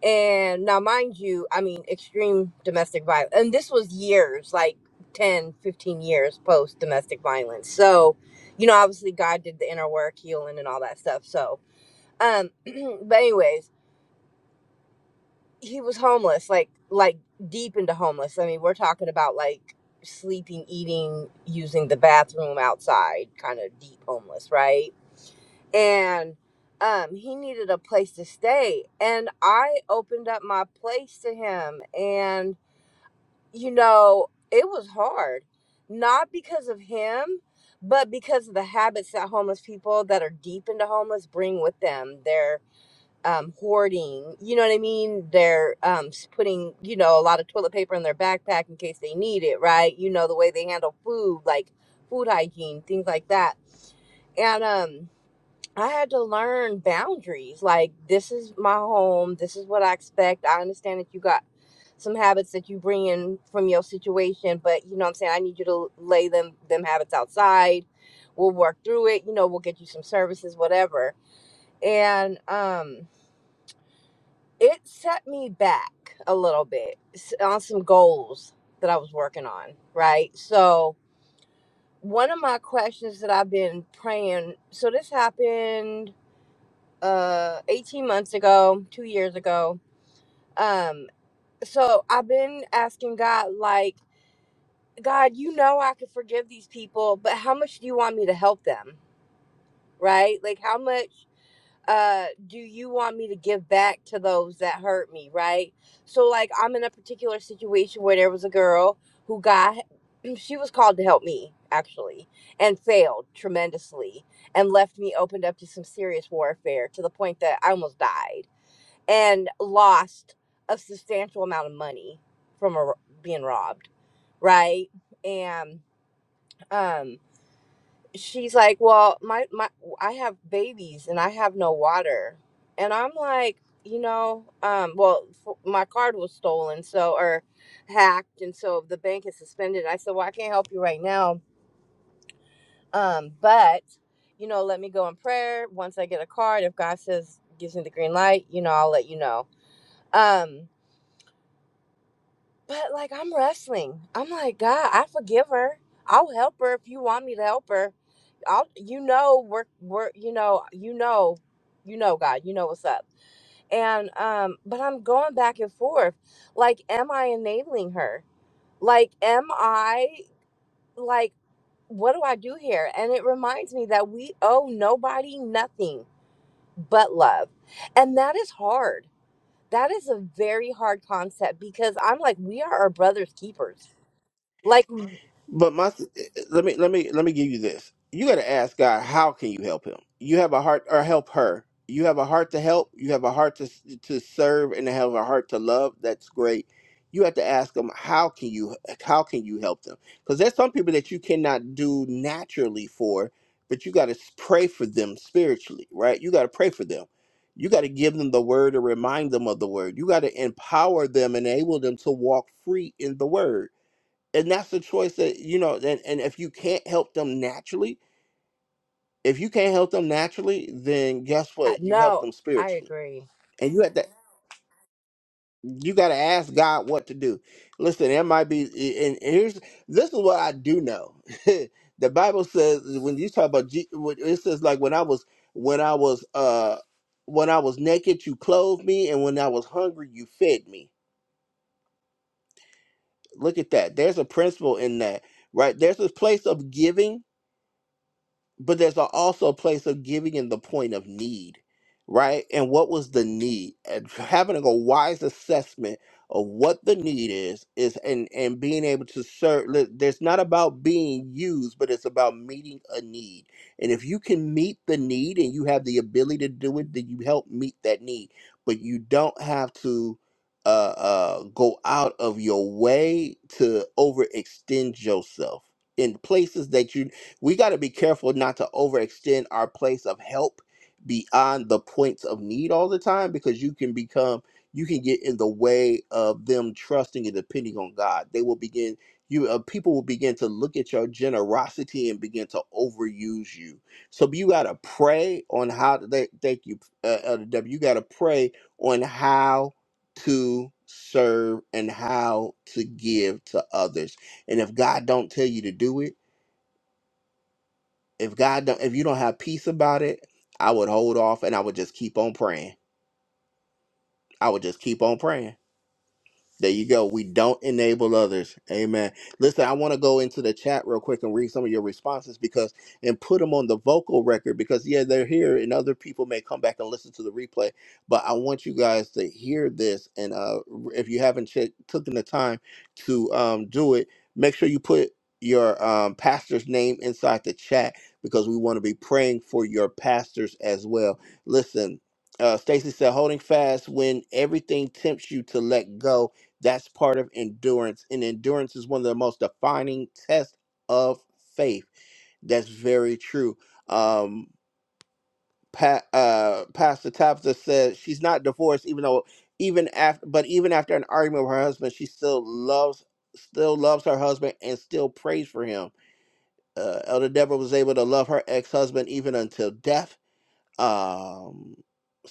and now, mind you, I mean, extreme domestic violence. And this was years, like ten, fifteen years post domestic violence. So, you know, obviously God did the inner work, healing and all that stuff. So, um, but anyways, he was homeless, like, like deep into homeless. I mean, we're talking about like sleeping, eating, using the bathroom outside, kind of deep homeless, right? and um, he needed a place to stay. And I opened up my place to him. And, you know, it was hard, not because of him, but because of the habits that homeless people that are deep into homeless bring with them. They're um, hoarding, you know what I mean? They're um, s- putting, you know, a lot of toilet paper in their backpack in case they need it, right? You know, the way they handle food, like food hygiene, things like that. And, um I had to learn boundaries. Like, this is my home. This is what I expect. I understand that you got some habits that you bring in from your situation, but you know what I'm saying? I need you to lay them them habits outside. We'll work through it. You know, we'll get you some services, whatever. And um it set me back a little bit on some goals that I was working on, right? So, one of my questions that I've been praying, so this happened uh 18 months ago, 2 years ago. Um so I've been asking God like, God, you know I could forgive these people, but how much do you want me to help them? Right? Like how much uh do you want me to give back to those that hurt me, right? So like I'm in a particular situation where there was a girl who got she was called to help me actually and failed tremendously and left me opened up to some serious warfare to the point that I almost died and lost a substantial amount of money from a r being robbed, right? And um, she's like, "Well, my my I have babies and I have no water," and I'm like, you know, um, well, f- my card was stolen, so or hacked, and so the bank is suspended. I said, "Well, I can't help you right now, um, but." You know, let me go in prayer. Once I get a card, if God says gives me the green light, you know, I'll let you know. Um, But like I'm wrestling. I'm like, God, I forgive her. I'll help her if you want me to help her. I'll you know we're we're you know, you know, you know God, you know what's up. And um but I'm going back and forth. Like, am I enabling her? Like, am I like what do I do here? And it reminds me that we owe nobody nothing but love. And that is hard. That is a very hard concept because I'm like, we are our brother's keepers like,
But my let me let me let me give you this. You got to ask God, how can you help him? You have a heart or help her. You have a heart to help. You have a heart to to serve and to have a heart to love. That's great. You have to ask them how can you how can you help them? Because there's some people that you cannot do naturally for, but you got to pray for them spiritually, right? You got to pray for them. You got to give them the word or remind them of the word. You got to empower them, enable them to walk free in the word and that's the choice that you know and, and if you can't help them naturally if you can't help them naturally then guess what you help
no,
them
I
spiritually
agree.
and you have to you got to ask god what to do listen there might be and and here's this is what i do know the bible says when you talk about Je- when- it says like when i was when i was uh when i was naked you clothed me and when i was hungry you fed me look at that there's a principle in that right there's this place of giving but there's a- also a place of giving in the point of need, right? And what was the need? And having a wise assessment of what the need is is and and being able to serve. li- There's not about being used, but it's about meeting a need. And if you can meet the need and you have the ability to do it, then you help meet that need. But you don't have to. Uh, uh, go out of your way to overextend yourself in places that you we got to be careful not to overextend our place of help beyond the points of need all the time because you can become you can get in the way of them trusting and depending on God. They will begin you uh, people will begin to look at your generosity and begin to overuse you. So you got to pray on how to thank thank you uh, Elder W. You got to pray on how to serve and how to give to others. And if God don't tell you to do it, if God don't, if you don't have peace about it, I would hold off and I would just keep on praying. I would just keep on praying. There you go. We don't enable others. Amen. Listen, I want to go into the chat real quick and read some of your responses because and put them on the vocal record because yeah, they're here and other people may come back and listen to the replay. But I want you guys to hear this and uh if you haven't ch- taken the time to um do it, make sure you put your um pastor's name inside the chat because we want to be praying for your pastors as well. Listen, uh, Stacy said, holding fast when everything tempts you to let go that's part of endurance. And endurance is one of the most defining tests of faith. That's very true. Um, pa- uh, Pastor Tabitha said she's not divorced, even though, even after, but even after an argument with her husband, she still loves, still loves her husband and still prays for him. Uh, Elder Deborah was able to love her ex-husband even until death um,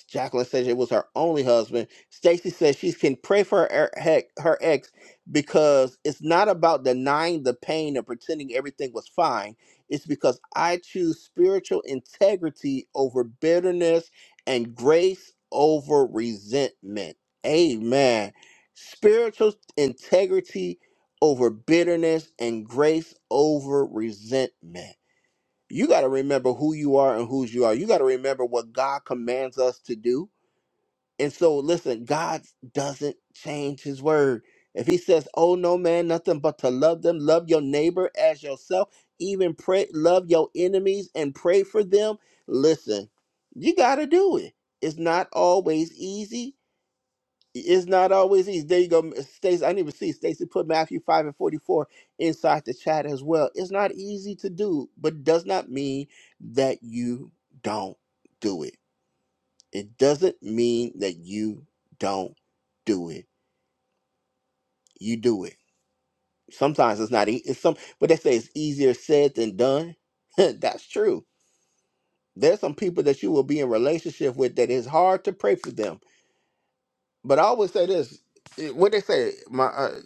Jacqueline says it was her only husband. Stacy says she can pray for her, her her ex because it's not about denying the pain and pretending everything was fine. It's because I choose spiritual integrity over bitterness and grace over resentment. Amen. Spiritual integrity over bitterness and grace over resentment you got to remember who you are and whose you are. You got to remember what God commands us to do. And so, listen, God doesn't change his word. If he says, Oh, no man, nothing but to love them, love your neighbor as yourself, even pray, love your enemies and pray for them, listen, you got to do it. It's not always easy, it's not always easy. There you go, Stacey. I didn't even see Stacey put Matthew five and forty four inside the chat as well. It's not easy to do, but it does not mean that you don't do it. It doesn't mean that you don't do it. You do it. Sometimes it's not. e- It's some, but they say it's easier said than done. That's true. There's some people that you will be in relationship with that is hard to pray for them But I always say this: it- what they say, my uh,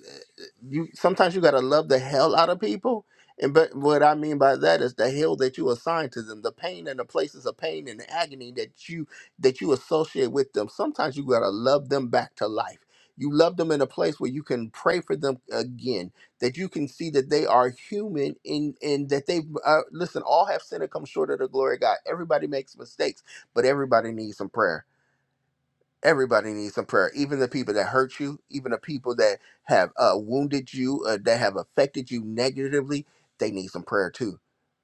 you sometimes you gotta love the hell out of people, and but what I mean by that is the hell that you assign to them, the pain and the places of pain and the agony that you that you associate with them. Sometimes you gotta love them back to life. You love them in a place where you can pray for them again, that you can see that they are human and and that they uh, listen. All have sinned and come short of the glory of God. Everybody makes mistakes, but everybody needs some prayer. Everybody needs some prayer, even the people that hurt you, even the people that have uh, wounded you, uh, that have affected you negatively. They need some prayer too.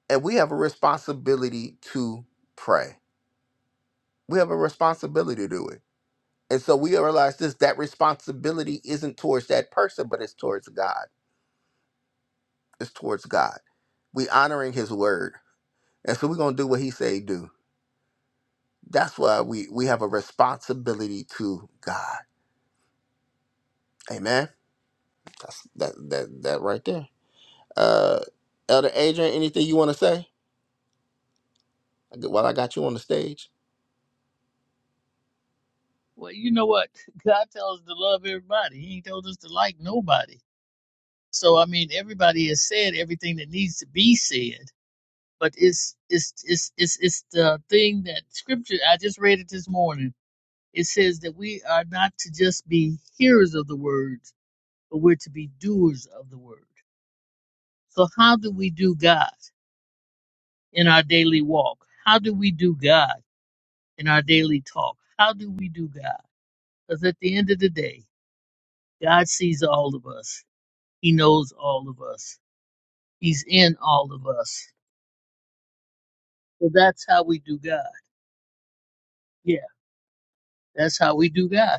And we have a responsibility to pray. We have a responsibility to do it. And so we realize this that responsibility isn't towards that person, but it's towards God. It's towards God. We honoring his word. And so we're gonna do what he say do. That's why we we have a responsibility to God. Amen. That's that that that right there. Uh, Elder Adrian, anything you want to say while I got you on the stage?
Well, you know what? God tells us to love everybody. He ain't told us to like nobody. So I mean, everybody has said everything that needs to be said. But it's it's it's it's it's the thing that Scripture. I just read it this morning. It says that we are not to just be hearers of the word, but we're to be doers of the word. So how do we do God in our daily walk? How do we do God in our daily talk? How do we do God? Because at the end of the day, God sees all of us He knows all of us. He's in all of us. So that's how we do God. Yeah, that's how we do God.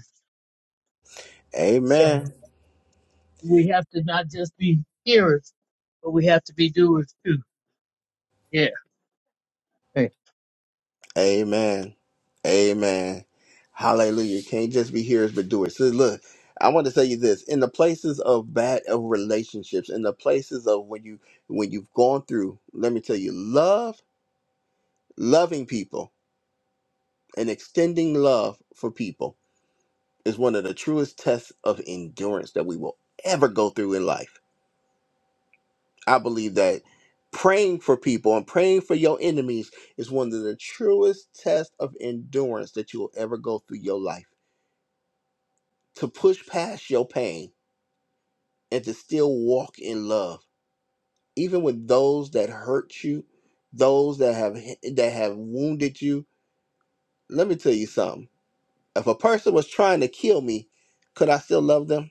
So
Amen.
we have to not just be hearers, but we have to be doers too. Yeah. Hey,
Amen. Amen. Hallelujah. Can't just be hearers but doers. So look, I want to tell you this. In the places of bad of relationships, in the places of when you when you've gone through, let me tell you, love, loving people and extending love for people. is one of the truest tests of endurance that we will ever go through in life. I believe that praying for people and praying for your enemies is one of the truest tests of endurance that you will ever go through your life. To push past your pain and to still walk in love, even with those that hurt you, those that have that have wounded you. Let me tell you something. If a person was trying to kill me, could I still love them?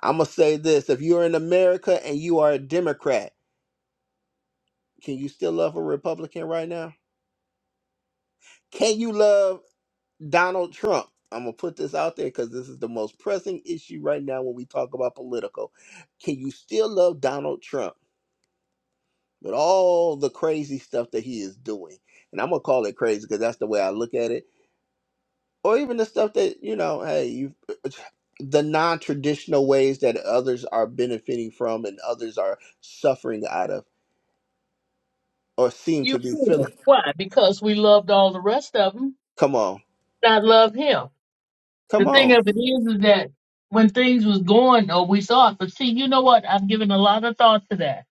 I'm gonna say this: if you're in America and you are a Democrat, can you still love a Republican right now? Can you love Donald Trump? I'm gonna put this out there because this is the most pressing issue right now when we talk about political. Can you still love Donald Trump with all the crazy stuff that he is doing? And I'm gonna call it crazy because that's the way I look at it. Or even the stuff that you know, hey, you the non-traditional ways that others are benefiting from and others are suffering out of or seem
You
to be feeling.
Why? Because we loved all the rest of them,
Come on.
not love him. The
Come
thing
on.
of it is, is that when things was going, or we saw it, but see, you know what? I've given a lot of thought to that.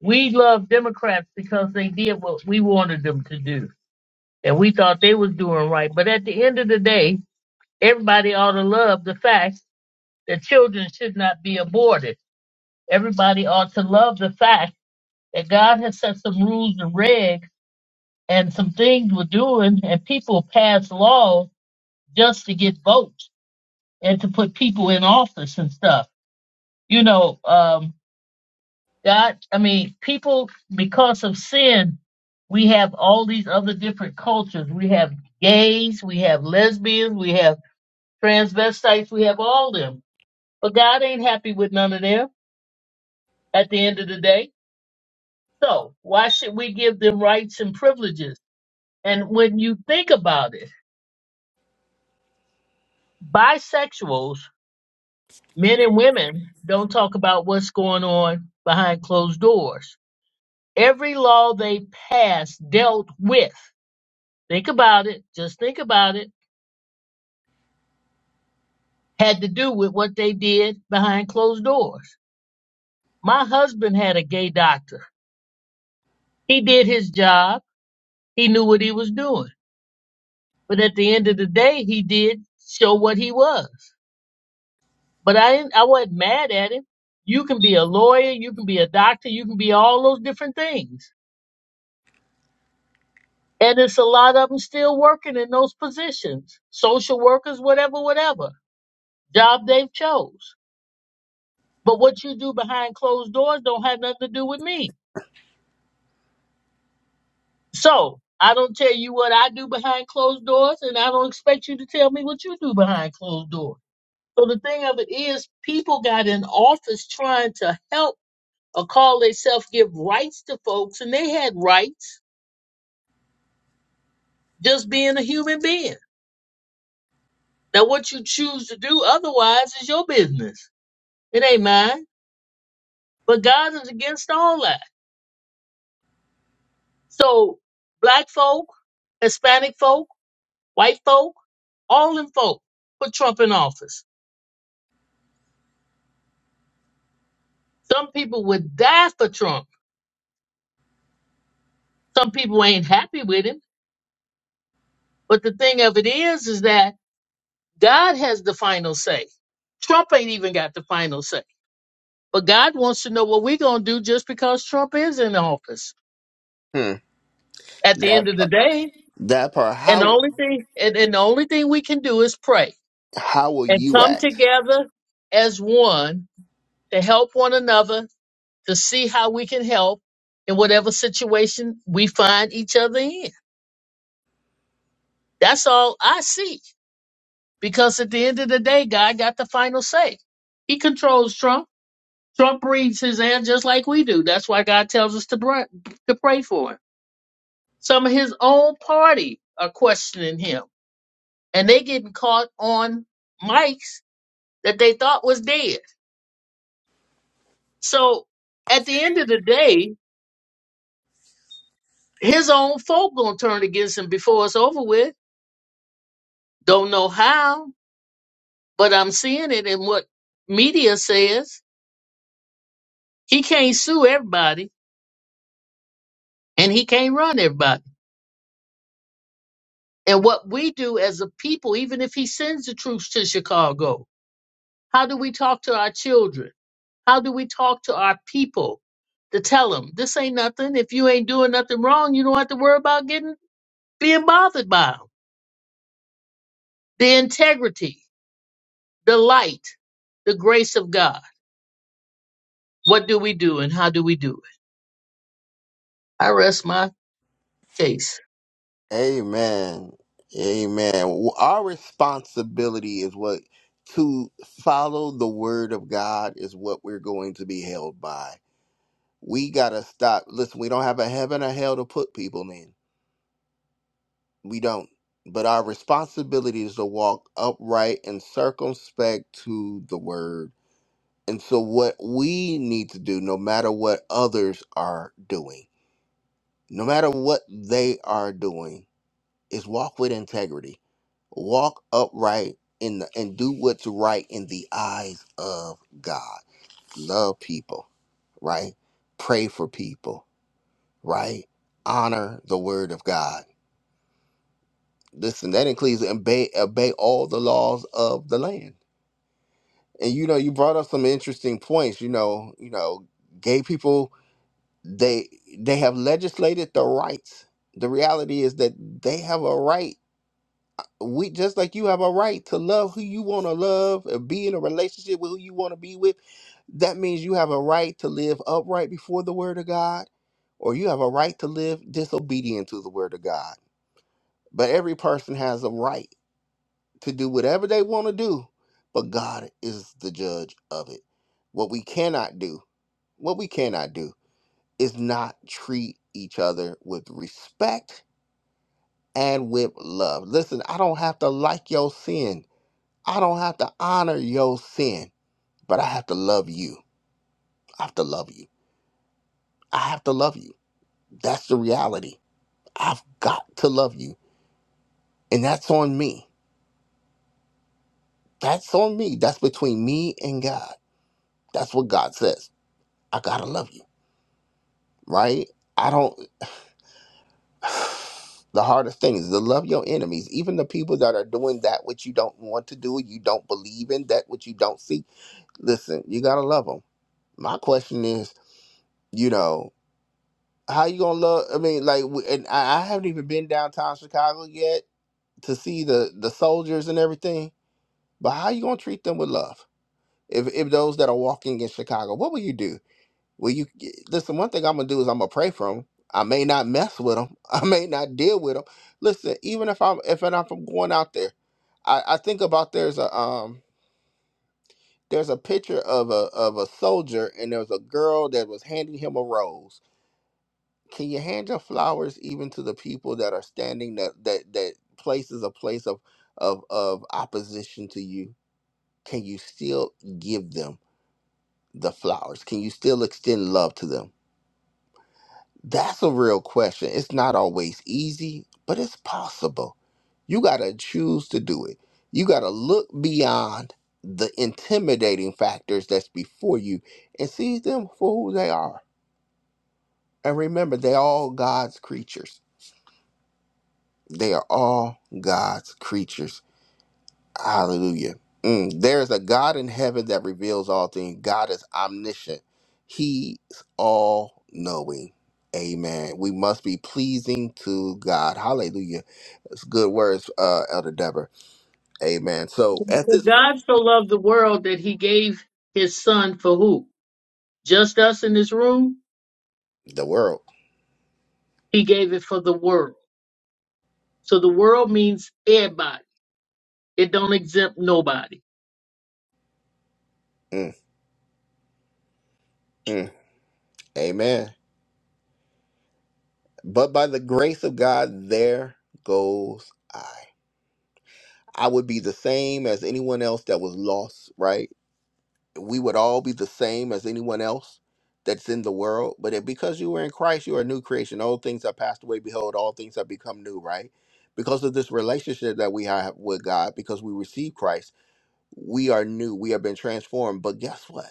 We love Democrats because they did what we wanted them to do and we thought they was doing right. But at the end of the day, everybody ought to love the fact that children should not be aborted. Everybody ought to love the fact that God has set some rules and regs and some things we're doing, and people pass laws just to get votes and to put people in office and stuff. You know, um, God, I mean, people, because of sin, we have all these other different cultures. We have gays, we have lesbians, we have transvestites, we have all them. But God ain't happy with none of them at the end of the day. So why should we give them rights and privileges? And when you think about it, bisexuals, men and women, don't talk about what's going on behind closed doors. Every law they passed dealt with, think about it, just think about it, had to do with what they did behind closed doors. My husband had a gay doctor. He did his job. He knew what he was doing But at the end of the day, he did show what he was. But I didn't, I wasn't mad at him. You can be a lawyer, you can be a doctor, you can be all those different things. And it's a lot of them still working in those positions, social workers, whatever, whatever job they've chose. But what you do behind closed doors don't have nothing to do with me. So I don't tell you what I do behind closed doors, and I don't expect you to tell me what you do behind closed doors. So the thing of it is, people got in office trying to help or call themselves give rights to folks, and they had rights just being a human being. Now, what you choose to do otherwise is your business. It ain't mine. But God is against all that. So, black folk, Hispanic folk, white folk, all them folk put Trump in office. Some people would die for Trump. Some people ain't happy with him. But the thing of it is, is that God has the final say. Trump ain't even got the final say. But God wants to know what we're going to do just because Trump is in office.
Hmm.
At the
That
end of the
part.
day,
That part.
and the
How
only thing and, and the only thing we can do is pray
how will
and
you
come
act?
together as one to help one another to see how we can help in whatever situation we find each other in. That's all I see. Because at the end of the day, God got the final say. He controls Trump. Trump reads his ad just like we do. That's why God tells us to, br- to pray for him. Some of his own party are questioning him, and they getting caught on mics that they thought was dead. So at the end of the day, his own folk gonna turn against him before it's over with. Don't know how, but I'm seeing it in what media says. He can't sue everybody, and he can't run everybody. And what we do as a people, even if he sends the troops to Chicago, How do we talk to our children? How do we talk to our people to tell them this ain't nothing? If you ain't doing nothing wrong, you don't have to worry about getting being bothered by them. The integrity, the light, the grace of God. What do we do and how do we do it? I rest my case.
Amen. Amen. Our responsibility is what to follow the word of God is what we're going to be held by. We gotta stop. Listen, we don't have a heaven or hell to put people in. We don't. But our responsibility is to walk upright and circumspect to the word. And so, what we need to do, no matter what others are doing, no matter what they are doing, is walk with integrity, walk upright in the, and do what's right in the eyes of God. Love people, right? Pray for people, right? Honor the word of God. Listen, that includes obey, obey all the laws of the land. And you know, you brought up some interesting points. You know, you know, gay people they they have legislated the rights the reality is that they have a right we just like you have a right to love who you want to love and be in a relationship with who you want to be with that means you have a right to live upright before the word of god or you have a right to live disobedient to the word of god but every person has a right to do whatever they want to do but god is the judge of it what we cannot do what we cannot do is not treat each other with respect and with love. Listen, I don't have to like your sin. I don't have to honor your sin, but I have to love you. I have to love you. I have to love you. That's the reality. I've got to love you. And that's on me. That's on me. That's between me and God. That's what God says. I got to love you, right? I don't. the hardest thing is to love your enemies, even the people that are doing that which you don't want to do, you don't believe in, that which you don't see. Listen, you gotta love them. My question is, you know, how you gonna love? I mean, like, w- and I, I haven't even been downtown Chicago yet to see the the soldiers and everything. But how you gonna treat them with love? If if those that are walking in Chicago, what will you do? Well, you listen. One thing I'm gonna do is I'm gonna pray for them. I may not mess with them. I may not deal with them. Listen, even if I'm if and if I'm going out there, I, I think about there's a um there's a picture of a of a soldier and there's a girl that was handing him a rose. Can you hand your flowers even to the people that are standing that that that place is a place of of of opposition to you? Can you still give them the flowers? Can you still extend love to them? That's a real question. It's not always easy, but it's possible. You got to choose to do it. You got to look beyond the intimidating factors that's before you and see them for who they are. And remember, they're all God's creatures. They are all God's creatures. Hallelujah. Mm, there is a God in heaven that reveals all things. God is omniscient. He's all knowing. Amen. We must be pleasing to God. Hallelujah. That's good words, uh, Elder Deborah. Amen. So at
For
this,
God so loved the world that he gave his son for who? Just us in this room?
the world.
He gave it for the world. So the world means everybody. It don't exempt nobody.
Mm, mm. amen. But by the grace of God, there goes I. I would be the same as anyone else that was lost, right? we would all be the same as anyone else that's in the world. But it, because you were in Christ, you are a new creation. Old things have passed away. Behold, all things have become new, right? Because of this relationship that we have with God, because we receive Christ, we are new. We have been transformed. But guess what?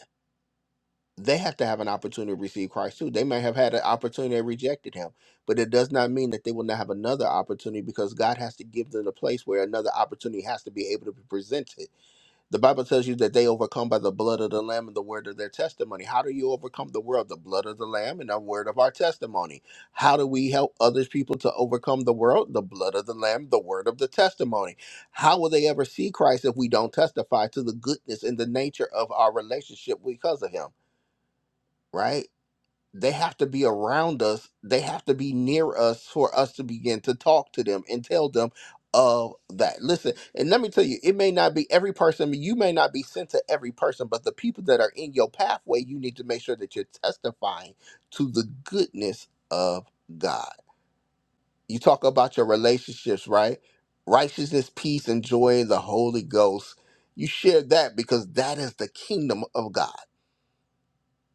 They have to have an opportunity to receive Christ too. They may have had an opportunity and rejected him, but it does not mean that they will not have another opportunity because God has to give them a place where another opportunity has to be able to be presented the Bible tells you that they overcome by the blood of the Lamb and the word of their testimony. How do you overcome the world? The blood of the Lamb and the word of our testimony. How do we help other people to overcome the world? The blood of the Lamb, the word of the testimony. How will they ever see Christ if we don't testify to the goodness and the nature of our relationship because of Him? Right? they have to be around us they have to be near us for us to begin to talk to them and tell them of that listen and let me tell you it may not be every person you may not be sent to every person but the people that are in your pathway you need to make sure that you're testifying to the goodness of god you talk about your relationships right righteousness peace and joy in the holy ghost you share that because that is the kingdom of god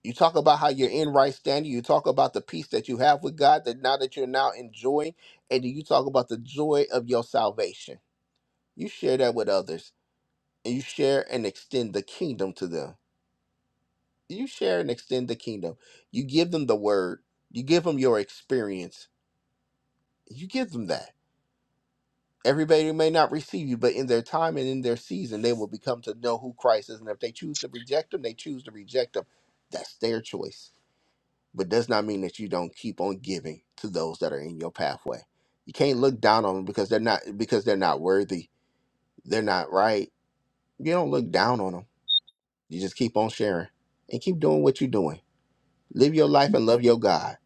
you talk about how you're in right standing. You talk about the peace that you have with God that now that you're now enjoying, and then you talk about the joy of your salvation. You share that with others, and you share and extend the kingdom to them. You share and extend the kingdom. You give them the word. You give them your experience. You give them that. Everybody may not receive you, but in their time and in their season, they will become to know who Christ is. And if they choose to reject him, they choose to reject him. That's their choice but does not mean that you don't keep on giving to those that are in your pathway. You can't look down on them because they're not because they're not worthy. They're not right. You don't look down on them. You just keep on sharing and keep doing what you're doing. Live your life and love your God.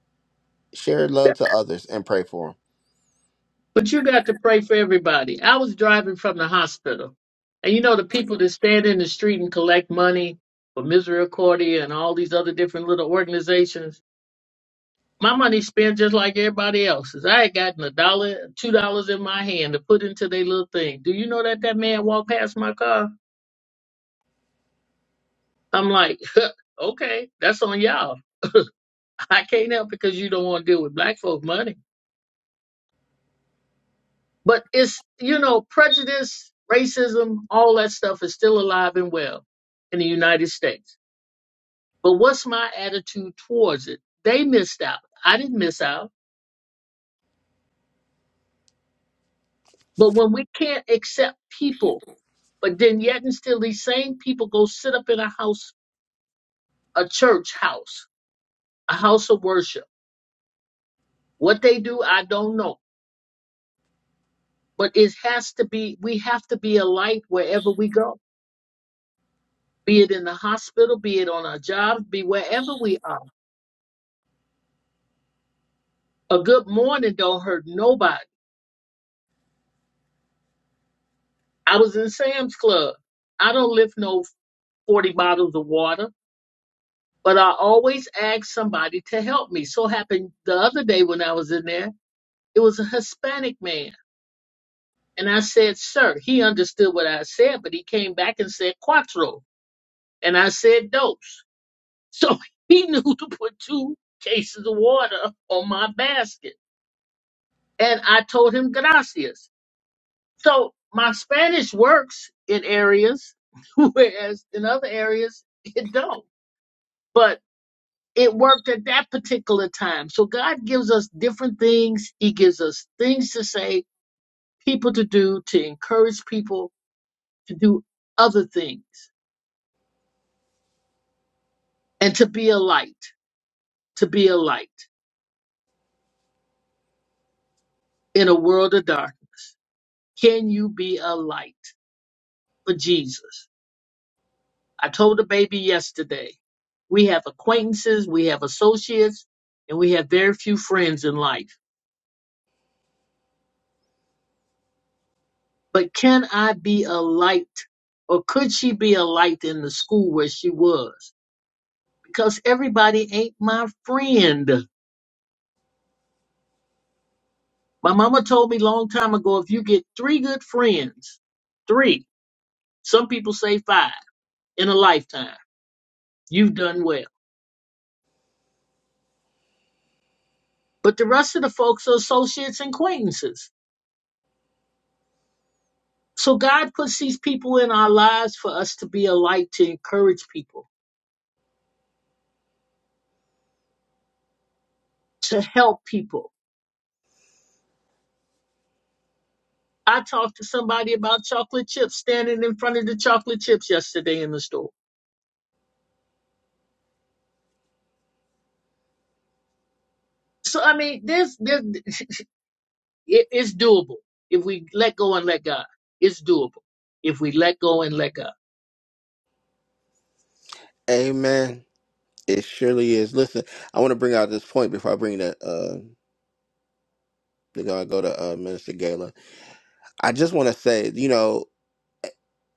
Share love to others and pray for them.
But you got to pray for everybody. I was driving from the hospital, and you know the people that stand in the street and collect money for Misericordia and all these other different little organizations. My money spent just like everybody else's. I had gotten a dollar, two dollars in my hand to put into their little thing. Do you know that that man walked past my car? I'm like, okay, that's on y'all. I can't help because you don't want to deal with black folk money. But it's, you know, prejudice, racism, all that stuff is still alive and well in the United States. But what's my attitude towards it? They missed out. I didn't miss out. But when we can't accept people, but then yet and still these same people go sit up in a house, a church house, a house of worship. What they do, I don't know. But it has to be, we have to be a light wherever we go, be it in the hospital, be it on our jobs, be wherever we are A good morning don't hurt nobody. I was in Sam's Club. I don't lift no 40 bottles of water, but I always ask somebody to help me. So happened the other day when I was in there, it was a Hispanic man. And I said, sir, he understood what I said, but he came back and said cuatro. And I said dose. So he knew to put two cases of water on my basket. And I told him gracias. So my Spanish works in areas, whereas in other areas it don't. But it worked at that particular time. So God gives us different things. He gives us things to say, people to do, to encourage people to do other things and to be a light, to be a light in a world of darkness. Can you be a light for Jesus? I told the baby yesterday, we have acquaintances, we have associates, and we have very few friends in life. But can I be a light or could she be a light in the school where she was? Because everybody ain't my friend. My mama told me a long time ago, if you get three good friends, three, some people say five in a lifetime, you've done well. But the rest of the folks are associates and acquaintances. So God puts these people in our lives for us to be a light, to encourage people, to help people. I talked to somebody about chocolate chips standing in front of the chocolate chips yesterday in the store. So I mean, this this it, it's doable if we let go and let God. It's doable if we let go and let God.
Amen. It surely is. Listen, I want to bring out this point before I bring the uh, before I go to uh, Minister Gala. I just want to say, you know.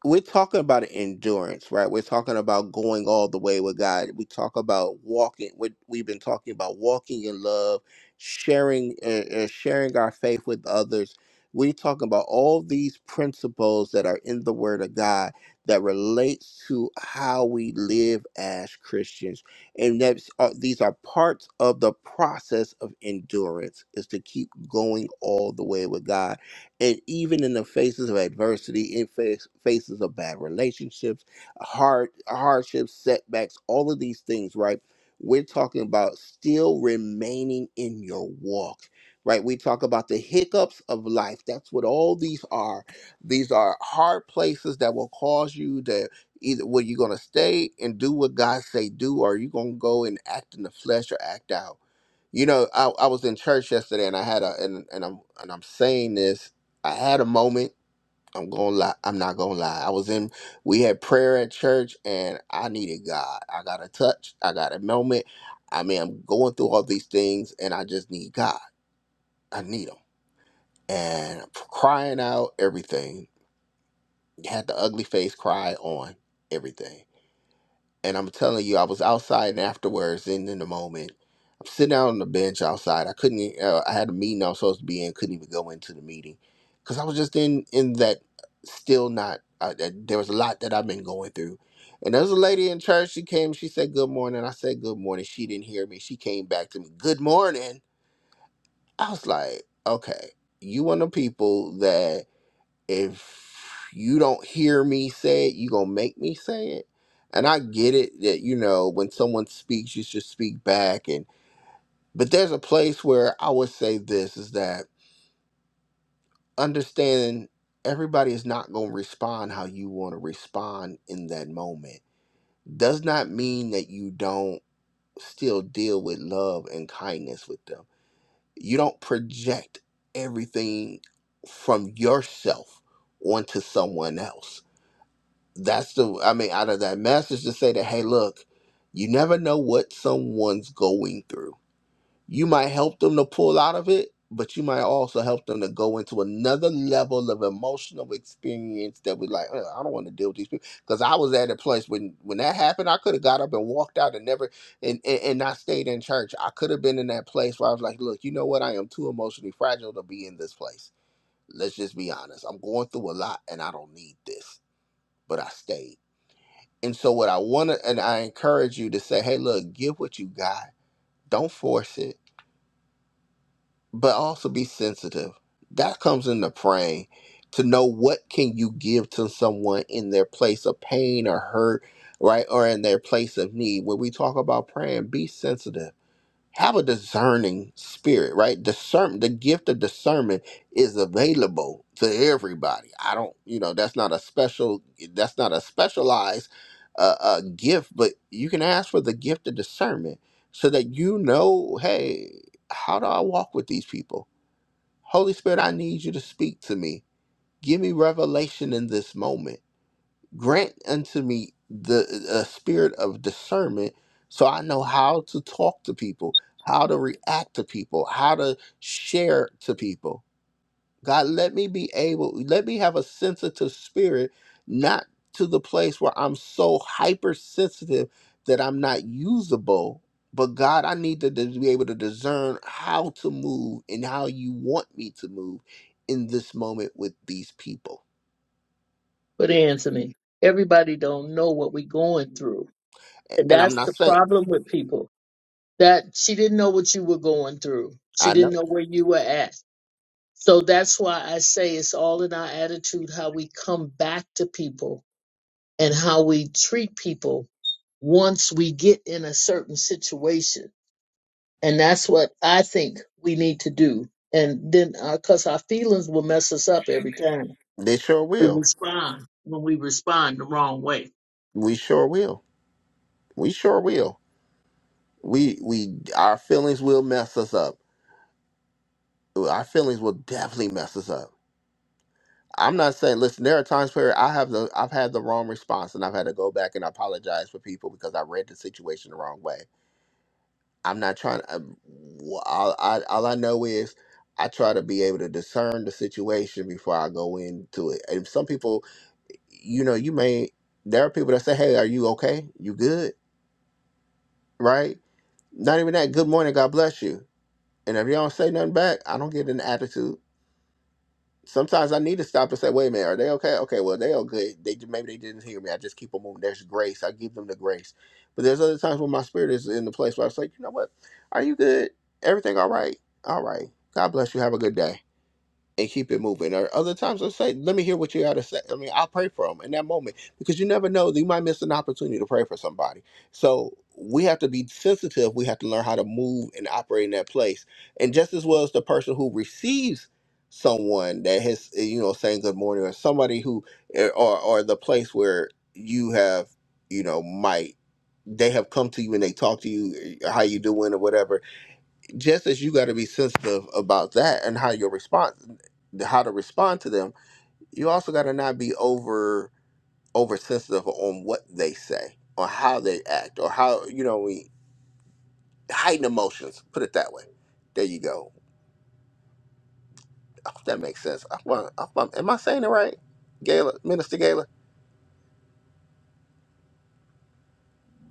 we're talking about endurance, right? We're talking about going all the way with God. We talk about walking. We, we've been talking about walking in love, sharing, uh, uh, sharing our faith with others. We're talking about all these principles that are in the Word of God that relates to how we live as Christians, and that's uh, these are parts of the process of endurance is to keep going all the way with God and even in the faces of adversity, in face, faces of bad relationships, hard hardships, setbacks, all of these things, right? We're talking about still remaining in your walk, right? We talk about the hiccups of life. That's what all these are. These are hard places that will cause you to either where you're gonna stay and do what God say do, or you're gonna go and act in the flesh or act out you know, I, I was in church yesterday and I had a and, and I'm and I'm saying this. I had a moment. I'm gonna lie. I'm not gonna lie. I was in we had prayer at church and I needed God. I got a touch. I got a moment. I mean I'm going through all these things and I just need God. I need him. And I'm crying out everything. Had the ugly face cry on everything. And I'm telling you, I was outside and afterwards, and in the moment, I'm sitting out on the bench outside. I couldn't. e- Uh, I had a meeting I was supposed to be in. Couldn't even go into the meeting because I was just in in that still not. I, I- there was a lot that I've been going through. And there's a lady in church. She came. She said good morning. I said good morning. She didn't hear me. She came back to me. Good morning. I was like, okay, you one of the people that if you don't hear me say it, you gonna make me say it. And I get it that you know when someone speaks, you should speak back. And but there's a place where I would say this is that understanding everybody is not gonna respond how you want to respond in that moment does not mean that you don't still deal with love and kindness with them. You don't project everything from yourself onto someone else that's the I mean, out of that message to say that, hey, look, you never know what someone's going through. You might help them to pull out of it, but you might also help them to go into another level of emotional experience that we like, "Ugh, I don't want to deal with these people. Because I was at a place when when that happened, I could have got up and walked out and never and, and and not stayed in church. I could have been in that place where I was like, look, you know what? I am too emotionally fragile to be in this place. Let's just be honest. I'm going through a lot and I don't need this. But I stayed and so what I want to and I encourage you to say, hey, look, give what you got. Don't force it, but also be sensitive. That comes into praying to know what can you give to someone in their place of pain or hurt, right? Or in their place of need. When we talk about praying, be sensitive have a discerning spirit, right? Discern the gift of discernment is available to everybody. I don't, you know, that's not a special, that's not a specialized uh, uh, gift, but you can ask for the gift of discernment so that you know, hey, how do I walk with these people? Holy Spirit, I need you to speak to me. Give me revelation in this moment grant unto me the a spirit of discernment so i know how to talk to people how to react to people how to share to people god let me be able let me have a sensitive spirit not to the place where i'm so hypersensitive that i'm not usable but god i need to dis- be able to discern how to move and how you want me to move in this moment with these people
But Anthony, everybody don't know what we're going through,
A-
and
and i'm
that's
not
the
saying
problem with people. That she didn't know what you were going through. She
i know
didn't know where you were at So that's why I say it's all in our attitude, how we come back to people and how we treat people once we get in a certain situation. And that's what I think we need to do. And then, because our feelings will mess us up every time
They sure
we
will.
respond when we respond the wrong way.
We sure will. We sure will. We we our feelings will mess us up. Our feelings will definitely mess us up. I'm not saying listen, there are times where I have the I've had the wrong response and I've had to go back and apologize for people because I read the situation the wrong way. I'm not trying to, all, I, all I know is I try to be able to discern the situation before I go into it. And some people, you know, you may, there are people that say, hey, are you okay? You good? Right? Not even that. Good morning. God bless you. And if you don't say nothing back, I don't get an attitude. Sometimes I need to stop and say, "Wait a minute, are they okay? Okay, well they okay. They ju- maybe they didn't hear me. I just keep on moving. There's grace. I give them the grace. But there's other times when my spirit is in the place where I was like, you know what? Are you good? Everything all right? All right. God bless you. Have a good day and keep it moving. Or other times, let's say, let me hear what you got to say. I mean, I'll pray for them in that moment because you never know. You might miss an opportunity to pray for somebody. So we have to be sensitive. We have to learn how to move and operate in that place. And just as well as the person who receives someone that has, eh, you know, saying good morning or somebody who, eh, or, or the place where you have, you know, might, they have come to you and they talk to you, eh, how you doing or whatever just as you got to be sensitive about that and how your response how to respond to them you also got to not be over over sensitive on what they say or how they act or how you know we heighten emotions put it that way there you go I hope that makes sense I, well, I, am am i saying it right gayla minister gayla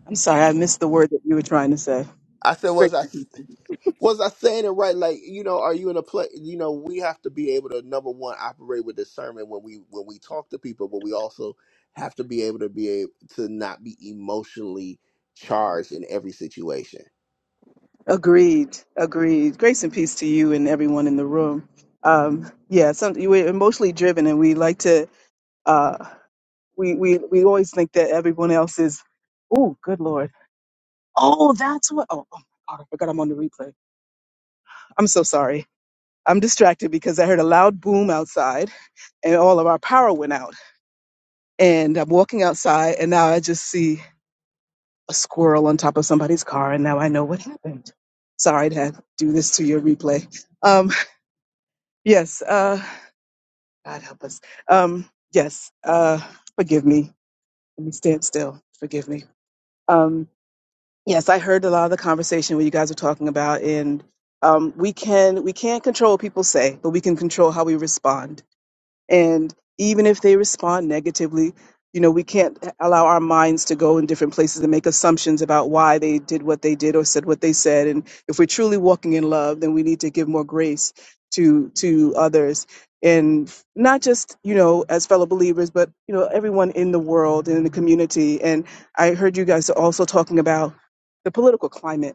I'm sorry, I missed the word that you were trying to say.
i said was i was I saying it right? Like, you know, are you in a place? You know, we have to be able to number one operate with discernment when we when we talk to people, but we also have to be able to be able to not be emotionally charged in every situation.
Agreed, agreed. Grace and peace to you and everyone in the room. Um, yeah, some, you we're emotionally driven, and we like to. Uh, we we we always think that everyone else is. Oh, good lord! Oh, that's what. Oh, oh my god! I forgot I'm on the replay. I'm so sorry. I'm distracted because I heard a loud boom outside, and all of our power went out. And I'm walking outside, and now I just see a squirrel on top of somebody's car, and now I know what happened. Sorry to have do this to your replay. Um, yes, uh, God help us. Um, yes, uh, forgive me. Let me stand still. Forgive me. Um, yes, I heard a lot of the conversation what you guys were talking about, and um, we can we can't control what people say, but we can control how we respond And even if they respond negatively, you know, we can't allow our minds to go in different places and make assumptions about why they did what they did or said what they said. And if we're truly walking in love, then we need to give more grace to to others. And not just, you know, as fellow believers, but you know, everyone in the world and in the community. And I heard you guys also talking about the political climate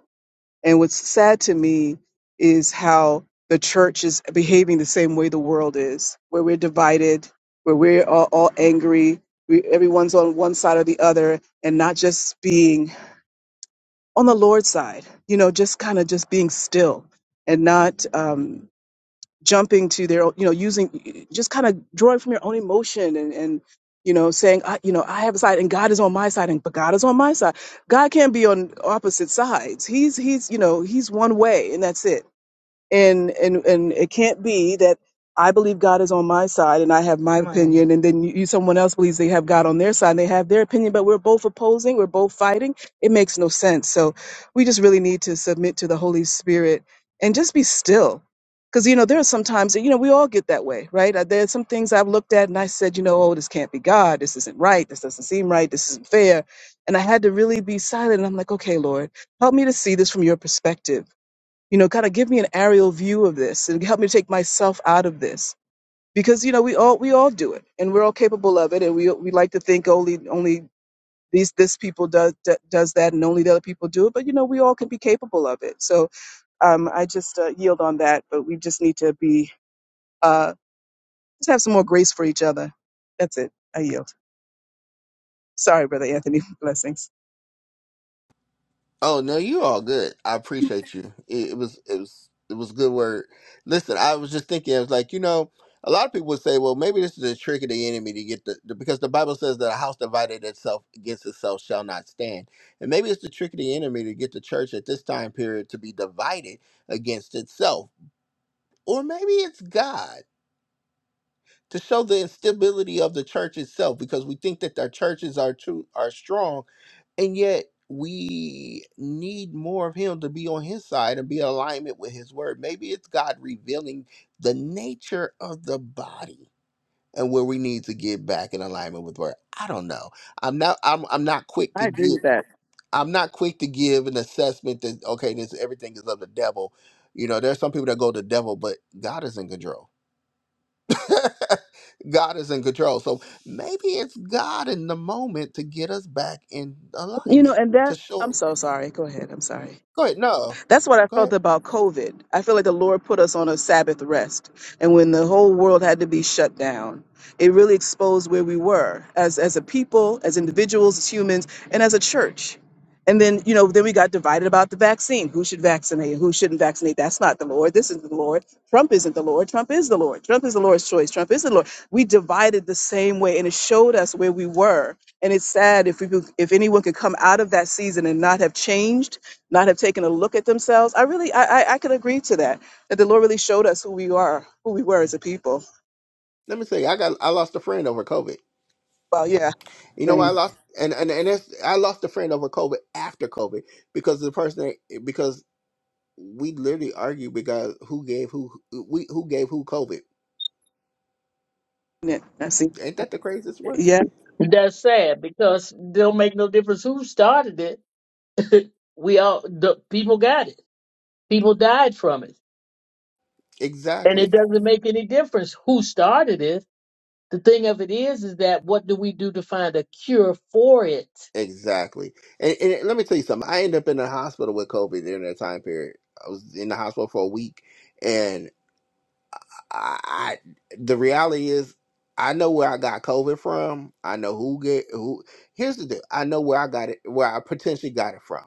and what's sad to me is how the church is behaving the same way the world is, where we're divided, where we're all, all angry, we, everyone's on one side or the other, and not just being on the Lord's side, you know, just kind of just being still and not. um, jumping to their own- you know using just kind of drawing from your own emotion and and you know saying i you know i have a side and god is on my side and but god is on my side god can't be on opposite sides he's he's you know he's one way and that's it and and and it can't be that I believe God is on my side and I have my Right. opinion, and then you, you someone else believes they have God on their side and they have their opinion, but we're both opposing, we're both fighting. It makes no sense. So we just really need to submit to the Holy Spirit and just be still. Because you know there are some times that you know we all get that way, right? Uh, There are some things I've looked at and I said, you know, oh, this can't be God. This isn't right. This doesn't seem right. This isn't fair. And I had to really be silent. And I'm like, okay, Lord, help me to see this from your perspective you know kind of give me an aerial view of this and help me take myself out of this because you know we all we all do it and we're all capable of it and we we like to think only only these this people does does that and only the other people do it but you know we all can be capable of it so um i just uh, yield on that but we just need to be uh just have some more grace for each other that's it i yield sorry brother anthony blessings
Oh no, you all good. I appreciate you. It, it was it was it was good word. Listen, I was just thinking. I was like, you know, a lot of people would say, well, maybe this is a trick of the enemy to get the, the because the Bible says that a house divided itself against itself shall not stand, and maybe it's the trick of the enemy to get the church at this time period to be divided against itself, or maybe it's God to show the instability of the church itself because we think that our churches are true are strong and yet we need more of him to be on his side and be in alignment with his word maybe it's god revealing the nature of the body and where we need to get back in alignment with word i don't know i'm not i'm, I'm not quick to
i agree
give
with that
I'm not quick to give an assessment that okay, this everything is of the devil. You know, there's some people that go to the devil, but God is in control. God is in control. So maybe it's God in the moment to get us back in
you know
alignment.
and
To
that
show
i'm so sorry go ahead i'm sorry
go ahead. No.
That's what I
Go
felt
ahead.
about COVID. I feel like the Lord put us on a Sabbath rest. And when the whole world had to be shut down, it really exposed where we were as, as a people, as individuals, as humans, and as a church. And then, you know, then we got divided about the vaccine. Who should vaccinate and who shouldn't vaccinate? That's not the Lord. This is the Lord. Trump isn't the Lord. Trump is the Lord. Trump is the Lord's choice. Trump is the Lord. We divided the same way and it showed us where we were. And it's sad if we could, if anyone could come out of that season and not have changed not have taken a look at themselves. I really, I, I, I could agree to that. That the Lord really showed us who we are, who we were as a people.
Let me say I got I lost a friend over COVID.
Well, yeah,
You know why I
dang
lost and and, and it's, I lost a friend over COVID after COVID because the person because we literally argued because who gave who we who gave who COVID.
it, I see.
Ain't that the craziest one?
Yeah.
That's sad because they'll make no difference who started it. we all, the people got it. People died from it. And
Exactly.
it doesn't make any difference who started it The thing of it is, is that what do we do to find a cure for it?
Exactly. And, and let me tell you something. I ended up in the hospital with COVID during that time period. I was in the hospital for a week, and I, I the reality is, I know where I got COVID from. I know who get who. Here's the deal. I know where I got it, where I potentially got it from.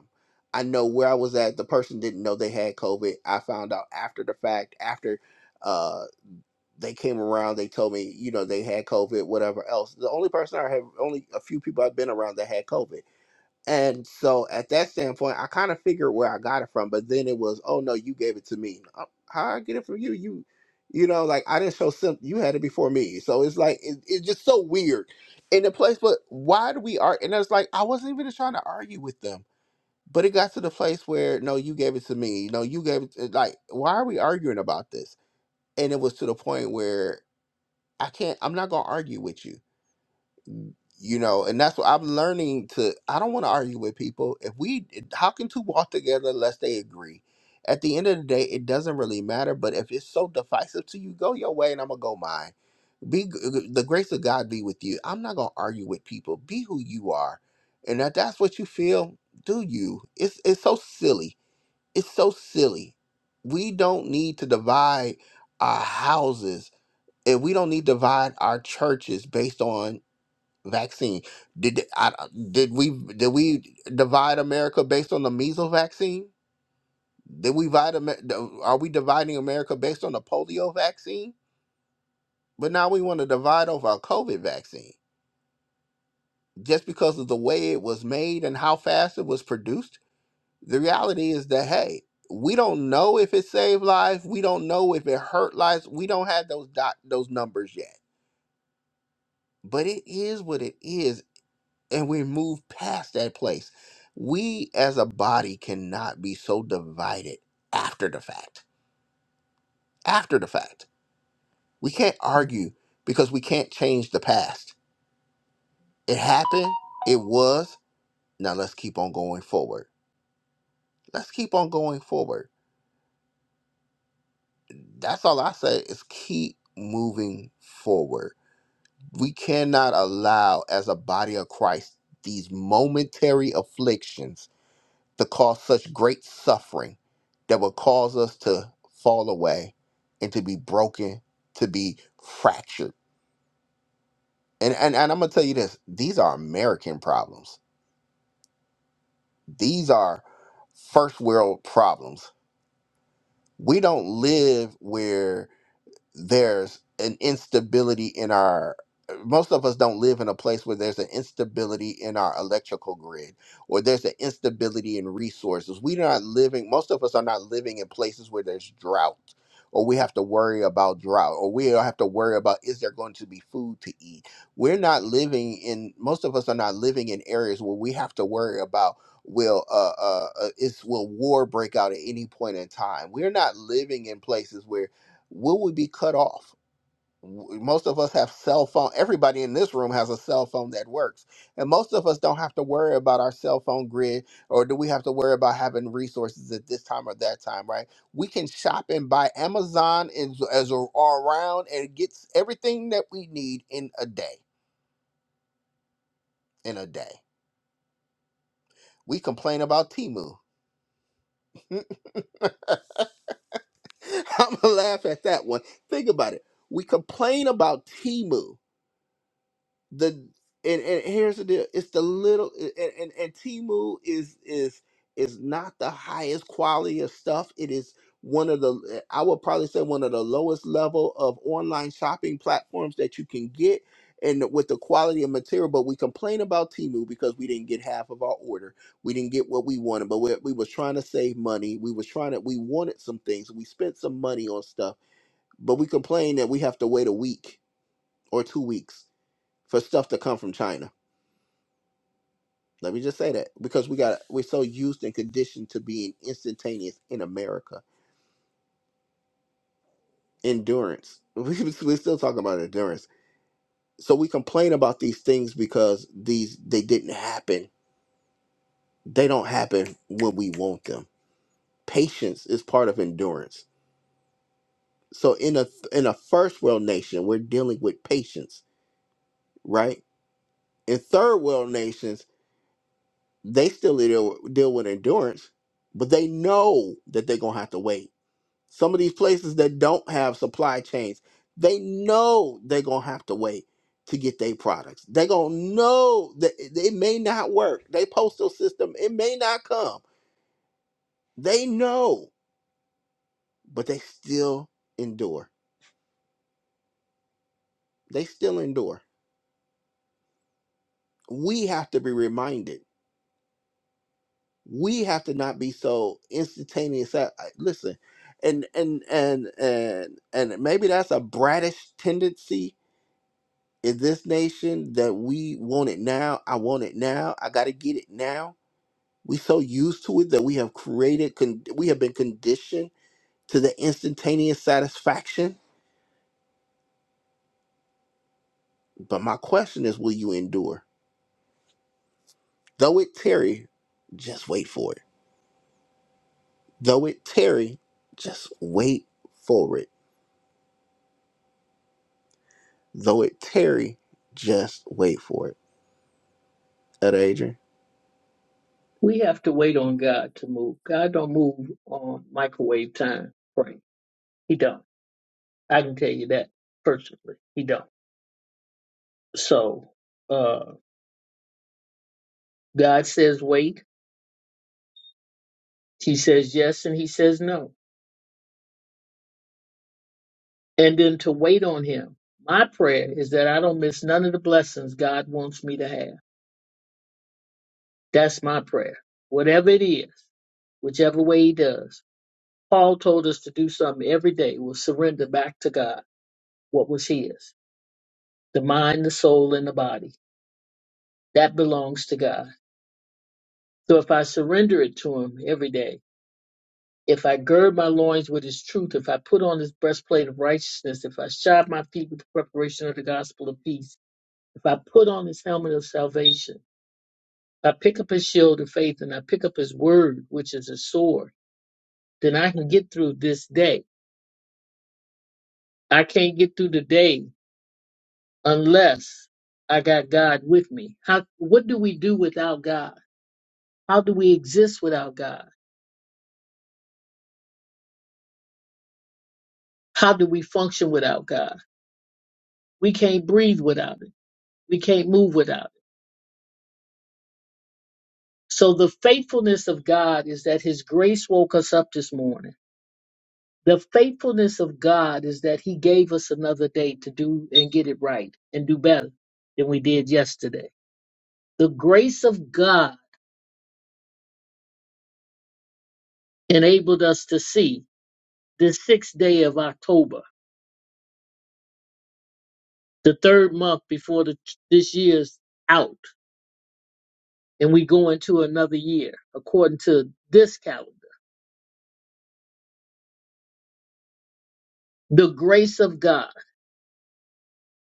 I know where I was at. The person didn't know they had COVID. I found out after the fact. After uh, they came around, they told me, you know, they had COVID, whatever else. The only person I have, only a few people I've been around that had COVID. And so at that standpoint, I kind of figured where I got it from, but then it was, oh no, you gave it to me. Uh, How I get it from you? You, you know, like I didn't show sim You had it before me, so it's like it, it's just so weird in the place. But why do we argue? And it's like I wasn't even trying to argue with them, but it got to the place where no, you gave it to me. No, you gave it. To, like why are we arguing about this? And it was to the point where I can't. I'm not gonna argue with you you know and that's what i'm learning to i don't want to argue with people if we how can two walk together unless they agree at the end of the day it doesn't really matter but if it's so divisive to you go your way and i'm gonna go mine be g- the grace of god be with you i'm not gonna argue with people be who you are and if that's what you feel do you it's it's so silly it's so silly we don't need to divide our houses and we don't need to divide our churches based on vaccine. Did th- I, did we did we divide America based on the measles vaccine? Did we divide? Amer- Are we dividing America based on the polio vaccine? But now we want to divide over a COVID vaccine just because of the way it was made and how fast it was produced. The reality is that hey, we don't know if it saved lives. We don't know if it hurt lives. We don't have those dot those numbers yet. But it is what it is. and we move past that place. We as a body cannot be so divided after the fact. After the fact, we can't argue because we can't change the past. It happened, it was, now let's keep on going forward. Let's keep on going forward. That's all I say is keep moving forward. We cannot allow, as a body of Christ, these momentary afflictions to cause such great suffering that would cause us to fall away and to be broken, to be fractured. And and, and I'm gonna tell you this, these are American problems. These are first world problems. We don't live where there's an instability in our most of us don't live in a place where there's an instability in our electrical grid or there's an instability in resources. We're not living, most of us are not living in places where there's drought or we have to worry about drought or we have to worry about is there going to be food to eat. We're not living in, most of us are not living in areas where we have to worry about will uh, uh uh, is will war break out at any point in time we're not living in places where will we be cut off? W- Most of us have cell phone. Everybody in this room has a cell phone that works, and most of us don't have to worry about our cell phone grid, or do we have to worry about having resources at this time or that time? Right? We can shop and buy Amazon and as a- all around, and it gets everything that we need in a day. In a day, we complain about Timu. I'm gonna laugh at that one. Think about it. We complain about Timu the and, and here's the deal it's the little and, and and timu is is is not the highest quality of stuff it is one of the i would probably say one of the lowest level of online shopping platforms that you can get and with the quality of material but we complain about timu because we didn't get half of our order we didn't get what we wanted but we, we was trying to save money we was trying to we wanted some things we spent some money on stuff but we complain that we have to wait a week or two weeks for stuff to come from china let me just say that because we got we're so used and conditioned to being instantaneous in America. Endurance. We, we're still talking about endurance. So we complain about these things because these they didn't happen. They don't happen when we want them. Patience is part of endurance. So in a in a first world nation, we're dealing with patience, right? In third world nations, they still deal, deal with endurance, but they know that they're gonna have to wait Some of these places that don't have supply chains, they know they're gonna have to wait to get their products. They're gonna know that it it may not work. They postal system, it may not come. They know, but they still endure. They still endure. We have to be reminded. We have to not be so instantaneous. I, I- listen, and and and and and maybe that's a bratish tendency in this nation that we want it now. I want it now. I got to get it now. We so used to it that we have created, con- we have been conditioned to the instantaneous satisfaction. But my question is, will you endure? Though it tarry, just wait for it. Though it tarry, just wait for it. Though it tarry, just wait for it. Elder Adrian.
We have to wait on God to move. God don't move on microwave time, right? He don't. I can tell you that personally. He don't. So uh God says wait. He says yes and he says no. And then to wait on him. My prayer is that I don't miss none of the blessings God wants me to have. That's my prayer. Whatever it is, whichever way he does. Paul told us to do something every day was surrender back to God what was his the mind, the soul, and the body. That belongs to God. So if I surrender it to him every day, if I gird my loins with his truth, if I put on his breastplate of righteousness, if I shod my feet with the preparation of the gospel of peace, if I put on his helmet of salvation, if I pick up his shield of faith and I pick up his word, which is a sword, then I can get through this day. I can't get through the day unless I got God with me. How what do we do without God? How do we exist without God? How do we function without God? We can't breathe without it. We can't move without it. So the faithfulness of God is that his grace woke us up this morning. The faithfulness of God is that he gave us another day to do and get it right and do better than we did yesterday. The grace of God enabled us to see this sixth day of October the third month before the, this year's out and we go into another year according to this calendar the grace of god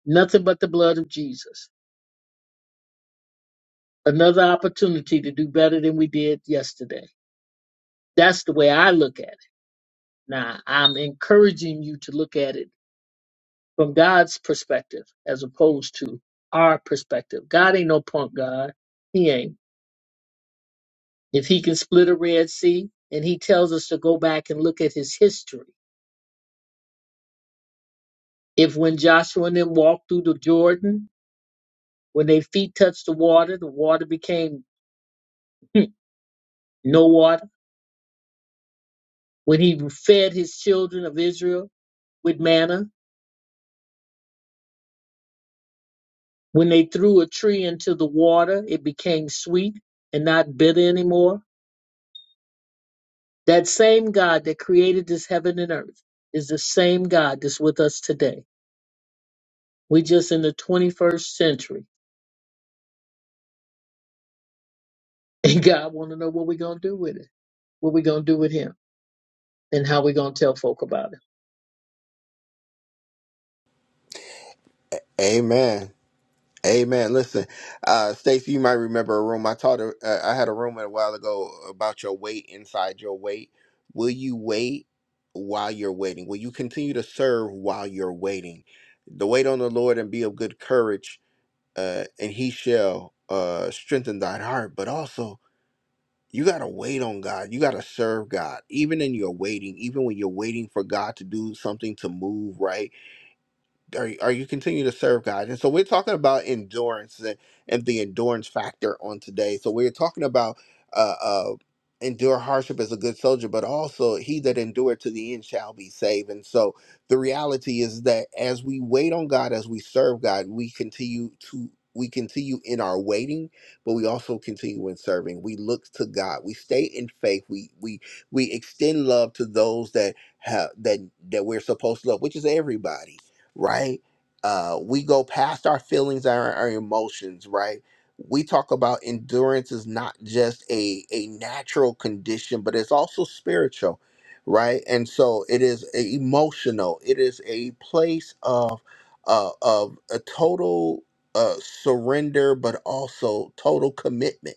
nothing but the blood of jesus another opportunity to do better than we did yesterday that's the way i look at it now i'm encouraging you to look at it from god's perspective as opposed to our perspective god ain't no punk god he ain't if he can split a red sea and he tells us to go back and look at his history If when Joshua and them walked through the Jordan, when their feet touched the water, the water became no water. When he fed his children of Israel with manna, when they threw a tree into the water, it became sweet and not bitter anymore. That same God that created this heaven and earth is the same God that's with us today. We're just in the 21st century, and God want to know what we're gonna do with it, what we're gonna do with Him, and how we're gonna tell folk about it.
Amen. Amen. Listen, uh, Stacy, you might remember a room I taught. A, Uh, I had a room a while ago about your weight inside your weight. Will you wait while you're waiting? Will you continue to serve while you're waiting? The wait on the Lord and be of good courage, uh, and He shall uh, strengthen thine heart. But also, you gotta wait on God. You gotta serve God, even in your waiting, even when you're waiting for God to do something to move right are you, are you continue to serve God? And so we're talking about endurance and, and the endurance factor on today. So we're talking about uh, uh, endure hardship as a good soldier, but also he that endureth to the end shall be saved. And so the reality is that as we wait on God, as we serve God, we continue to we continue in our waiting, but we also continue in serving. We look to God. We stay in faith. We we we extend love to those that have that that we're supposed to love, which is everybody right? Uh, we go past our feelings and our, our emotions, right? We talk about endurance is not just a, a natural condition, but it's also spiritual, right? And so it is a emotional. It is a place of uh, of a total uh, surrender, but also total commitment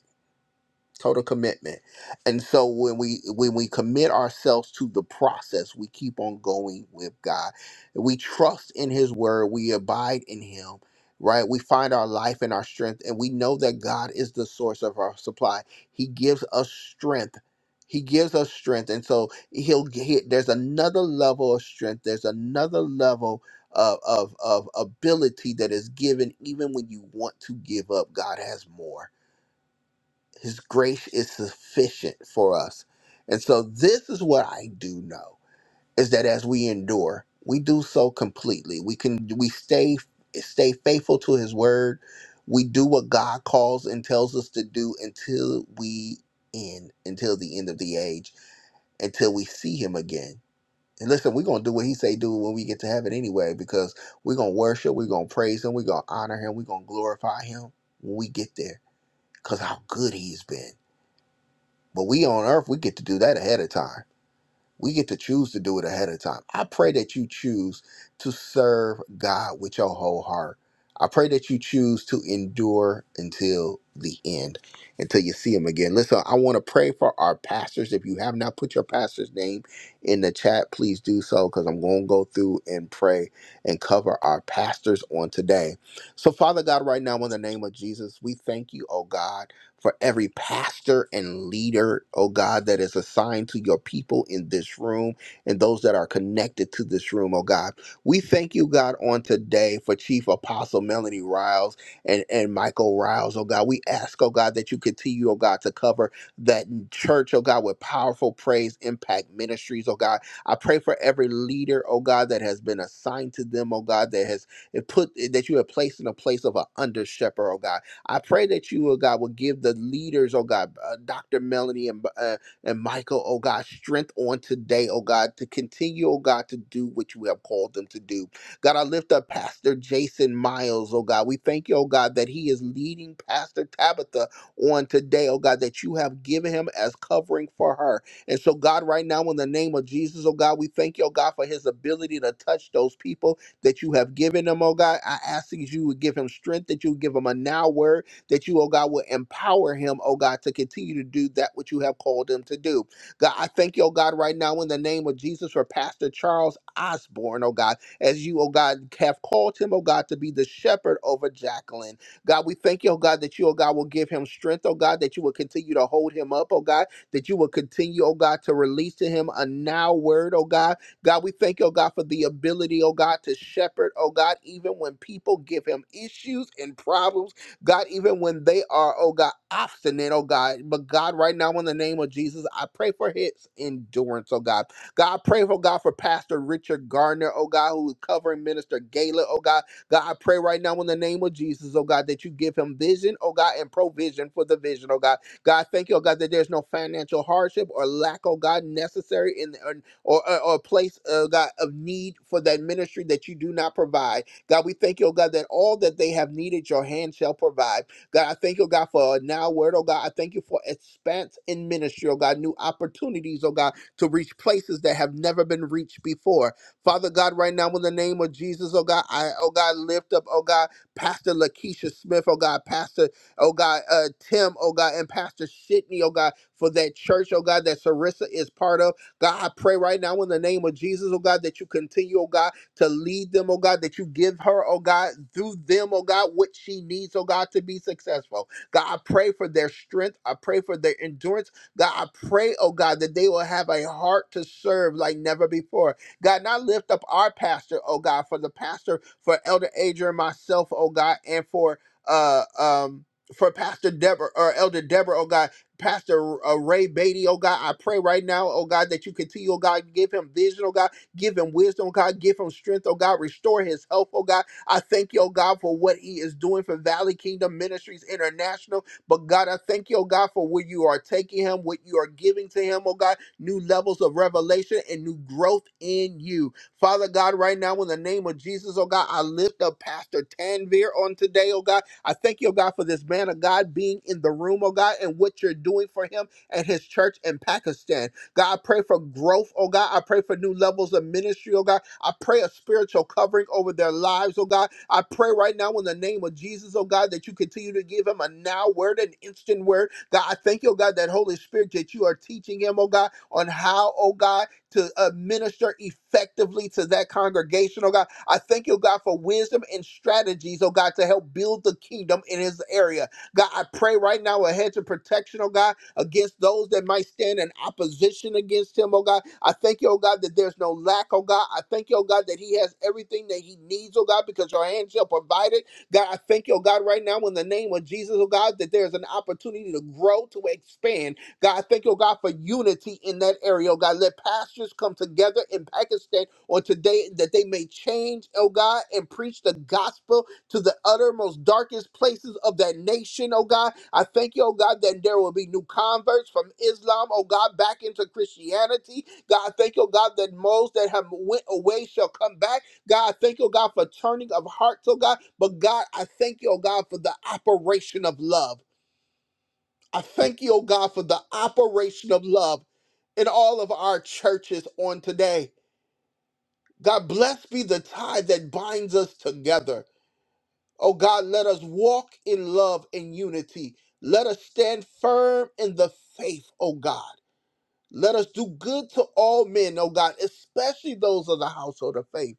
total commitment and so when we when we commit ourselves to the process we keep on going with god we trust in his word we abide in him right we find our life and our strength and we know that god is the source of our supply he gives us strength he gives us strength and so he'll he, there's another level of strength there's another level of, of of ability that is given even when you want to give up god has more his grace is sufficient for us. And so this is what I do know is that as we endure, we do so completely. We can we stay stay faithful to his word. We do what God calls and tells us to do until we end, until the end of the age, until we see him again. And listen, we're gonna do what he say do when we get to heaven anyway, because we're gonna worship, we're gonna praise him, we're gonna honor him, we're gonna glorify him when we get there, because how good he's been. But we on earth, we get to do that ahead of time. We get to choose to do it ahead of time. I pray that you choose to serve God with your whole heart. I pray that you choose to endure until the end, until you see him again. Listen, I want to pray for our pastors. If you have not put your pastor's name in the chat, please do so because I'm going to go through and pray and cover our pastors on today. So, Father God, right now, in the name of Jesus, we thank you, oh God for every pastor and leader, oh God, that is assigned to your people in this room and those that are connected to this room, oh God. We thank you, God, on today for Chief Apostle Melanie Riles and, and Michael Riles, oh God. We ask, oh God, that you continue, oh God, to cover that church, oh God, with powerful praise, impact ministries, oh God. I pray for every leader, oh God, that has been assigned to them, oh God, that has it put that you have placed in a place of an under shepherd, oh God. I pray that you, oh God, will give the leaders, oh God, uh, Dr. Melanie and, uh, and Michael, oh God, strength on today, oh God, to continue, oh God, to do what you have called them to do. God, I lift up Pastor Jason Miles, oh God. We thank you, oh God, that he is leading Pastor Tabitha on today, oh God, that you have given him as covering for her. And so, God, right now, in the name of Jesus, oh God, we thank you, oh God, for his ability to touch those people that you have given him, oh God. I ask that you would give him strength, that you would give him a now word, that you, oh God, will empower him, oh God, to continue to do that which you have called him to do. God, I thank you, oh God, right now in the name of Jesus for Pastor Charles Osborne, oh God, as you, oh God, have called him, oh God, to be the shepherd over Jacqueline. God, we thank you, oh God, that you, oh God, will give him strength, oh God, that you will continue to hold him up, oh God, that you will continue, oh God, to release to him a now word, oh God, God, we thank you, oh God, for the ability, oh God, to shepherd, oh God, even when people give him issues and problems, God, even when they are, oh God, obstinate, oh God. But God, right now, in the name of Jesus, I pray for his endurance, oh God. God, I pray, oh God, for Pastor Richard Gardner, oh God, who is covering Minister Gala, oh God. God, I pray right now in the name of Jesus, oh God, that you give him vision, oh God, and provision for the vision, oh God. God, thank you, oh God, that there's no financial hardship or lack, oh God, necessary in the, or, or, or a place, uh, God, of need for that ministry that you do not provide. God, we thank you, oh God, that all that they have needed, your hand shall provide. God, I thank you, oh God, for a now word, oh God. I thank you for expanse in ministry, oh God, new opportunities, oh God, to reach places that have never been reached before. Father God, right now, in the name of Jesus, oh God, I, oh God, lift up, oh God, Pastor Lakeisha Smith, oh God, Pastor, oh God, uh, Tim, oh God, and Pastor Shitney, oh God, for that church, oh God, that Sarissa is part of. God, I pray right now in the name of Jesus, oh God, that you continue, oh God, to lead them, oh God, that you give her, oh God, through them, oh God, what she needs, oh God, to be successful. God, I pray for their strength. I pray for their endurance. God, I pray, oh God, that they will have a heart to serve like never before. God, and I lift up our pastor, oh God, for the pastor, for Elder Adrian, myself, oh God, and for uh um for Pastor Deborah or Elder Deborah, oh God. Pastor uh, Ray Beatty, oh God, I pray right now, oh God, that you continue, oh God, give him vision, oh God, give him wisdom, oh God, give him strength, oh God, restore his health, oh God. I thank you, oh God, for what he is doing for Valley Kingdom Ministries International. But God, I thank you, oh God, for where you are taking him, what you are giving to him, oh God, new levels of revelation and new growth in you. Father God, right now, in the name of Jesus, oh God, I lift up Pastor Tanvir on today, oh God. I thank you, oh God, for this man of God being in the room, oh God, and what you're doing for him and his church in Pakistan. God, I pray for growth, oh God. I pray for new levels of ministry, oh God. I pray a spiritual covering over their lives, oh God. I pray right now in the name of Jesus, oh God, that you continue to give him a now word, an instant word. God, I thank you, oh God, that Holy Spirit that you are teaching him, oh God, on how, oh God to uh, minister effectively to that congregation, oh God. I thank you, God, for wisdom and strategies, oh God, to help build the kingdom in his area. God, I pray right now a hedge of protection, oh God, against those that might stand in opposition against him, oh God. I thank you, oh God, that there's no lack, oh God. I thank you, oh God, that he has everything that he needs, oh God, because your hands shall provide it. God, I thank you, oh God, right now in the name of Jesus, oh God, that there's an opportunity to grow, to expand, God, I thank you, oh God, for unity in that area, oh God. Let pastors come together in Pakistan on today that they may change, oh God, and preach the gospel to the uttermost darkest places of that nation, oh God. I thank you, oh God, that there will be new converts from Islam, oh God, back into Christianity. God, I thank you, oh God, that most that have went away shall come back. God, I thank you, oh God, for turning of hearts, oh God. But God, I thank you, oh God, for the operation of love. I thank you, oh God, for the operation of love in all of our churches on today. God, bless be the tie that binds us together. Oh God, let us walk in love and unity. Let us stand firm in the faith, oh God. Let us do good to all men, oh God, especially those of the household of faith.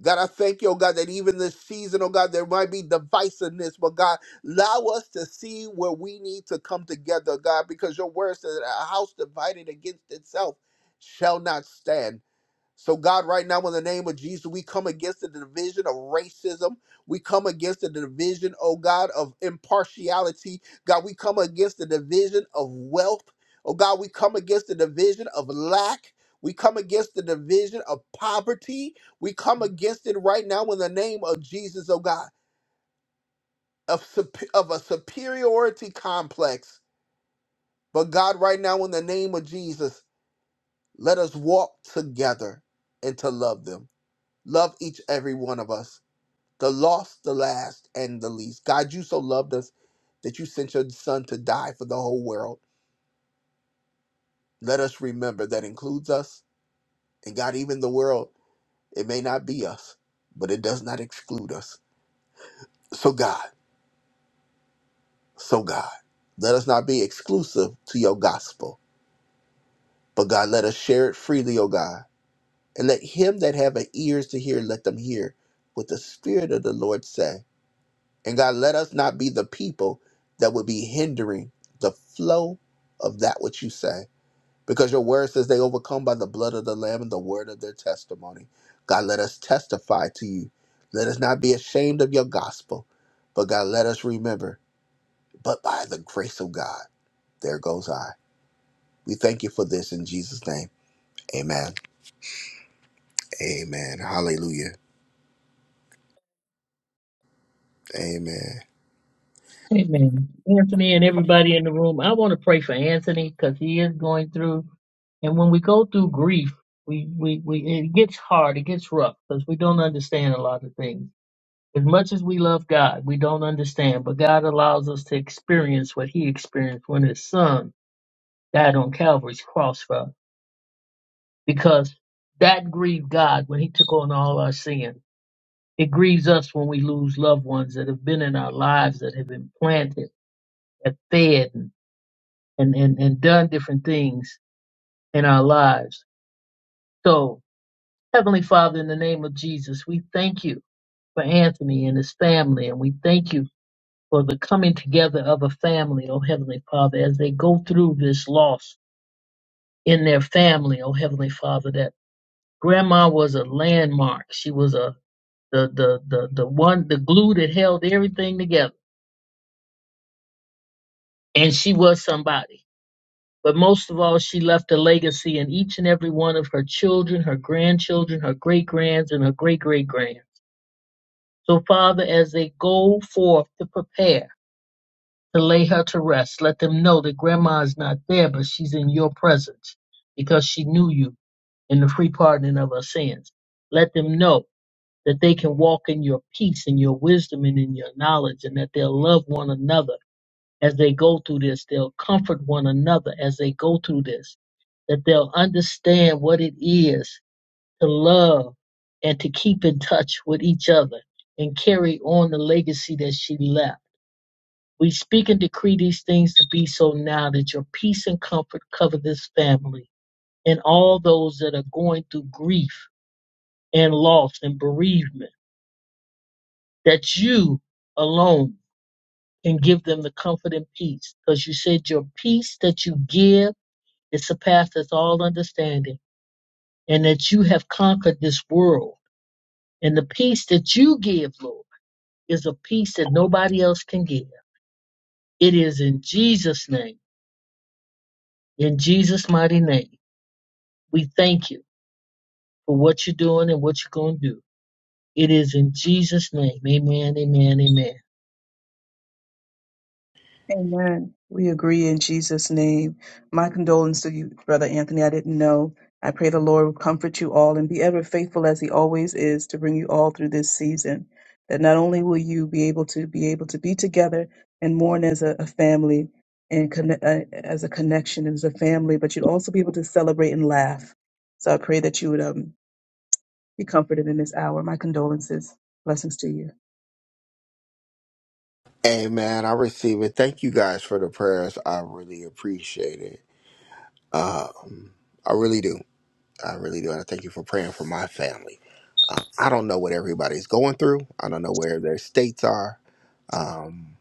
God, I thank you, oh God, that even this season, oh God, there might be divisiveness, but God, allow us to see where we need to come together, God, because your word says that a house divided against itself shall not stand. So, God, right now, in the name of Jesus, we come against the division of racism. We come against the division, oh God, of impartiality. God, we come against the division of wealth. Oh God, we come against the division of lack. We come against the division of poverty. We come against it right now in the name of Jesus, oh God, of, sup- of a superiority complex. But God, right now, in the name of Jesus, let us walk together and to love them. Love each every one of us, the lost, the last, and the least. God, you so loved us that you sent your son to die for the whole world. Let us remember that includes us, and God, even the world. It may not be us, but it does not exclude us. So, God, so God, let us not be exclusive to your gospel, but God, let us share it freely, O God, and let him that have an ears to hear, let them hear what the Spirit of the Lord say. And God, let us not be the people that would be hindering the flow of that which you say. Because your word says they overcome by the blood of the Lamb and the word of their testimony. God, let us testify to you. Let us not be ashamed of your gospel. But God, let us remember, but by the grace of God, there goes I. We thank you for this in Jesus' name. Amen. Amen. Hallelujah. Amen.
Amen. Anthony and everybody in the room, I want to pray for Anthony because he is going through. And when we go through grief, we, we, we it gets hard, it gets rough because we don't understand a lot of things. As much as we love God, we don't understand, but God allows us to experience what He experienced when His Son died on Calvary's cross for us because that grieved God when He took on all our sin. It grieves us when we lose loved ones that have been in our lives, that have been planted, that fed, and, and, and done different things in our lives. So, Heavenly Father, in the name of Jesus, we thank you for Anthony and his family, and we thank you for the coming together of a family, oh Heavenly Father, as they go through this loss in their family, oh Heavenly Father, that grandma was a landmark. She was a the the the the one the glue that held everything together. And she was somebody. But most of all, she left a legacy in each and every one of her children, her grandchildren, her great grands, and her great great grands. So, Father, as they go forth to prepare to lay her to rest, let them know that Grandma is not there, but she's in your presence because she knew you in the free pardoning of her sins. Let them know that they can walk in your peace and your wisdom and in your knowledge and that they'll love one another as they go through this. They'll comfort one another as they go through this, that they'll understand what it is to love and to keep in touch with each other and carry on the legacy that she left. We speak and decree these things to be so now that your peace and comfort cover this family and all those that are going through grief and loss and bereavement, that you alone can give them the comfort and peace. Because you said your peace that you give It surpasseth all understanding, and that you have conquered this world. And the peace that you give, Lord, is a peace that nobody else can give. It is in Jesus' name, in Jesus' mighty name. We thank you for what you're doing and what you're going to do. It is in Jesus' name. Amen, amen, amen.
Amen. We agree in Jesus' name. My condolence to you, Brother Anthony. I didn't know. I pray the Lord will comfort you all and be ever faithful as he always is to bring you all through this season. That not only will you be able to be able to be together and mourn as a, a family and conne- uh, as a connection as a family, but you'd also be able to celebrate and laugh. So I pray that you would um, be comforted in this hour. My condolences. Blessings to you.
Amen. I receive it. Thank you guys for the prayers. I really appreciate it. Um, I really do. I really do. And I thank you for praying for my family. I don't know what everybody's going through. I don't know where their states are. Um,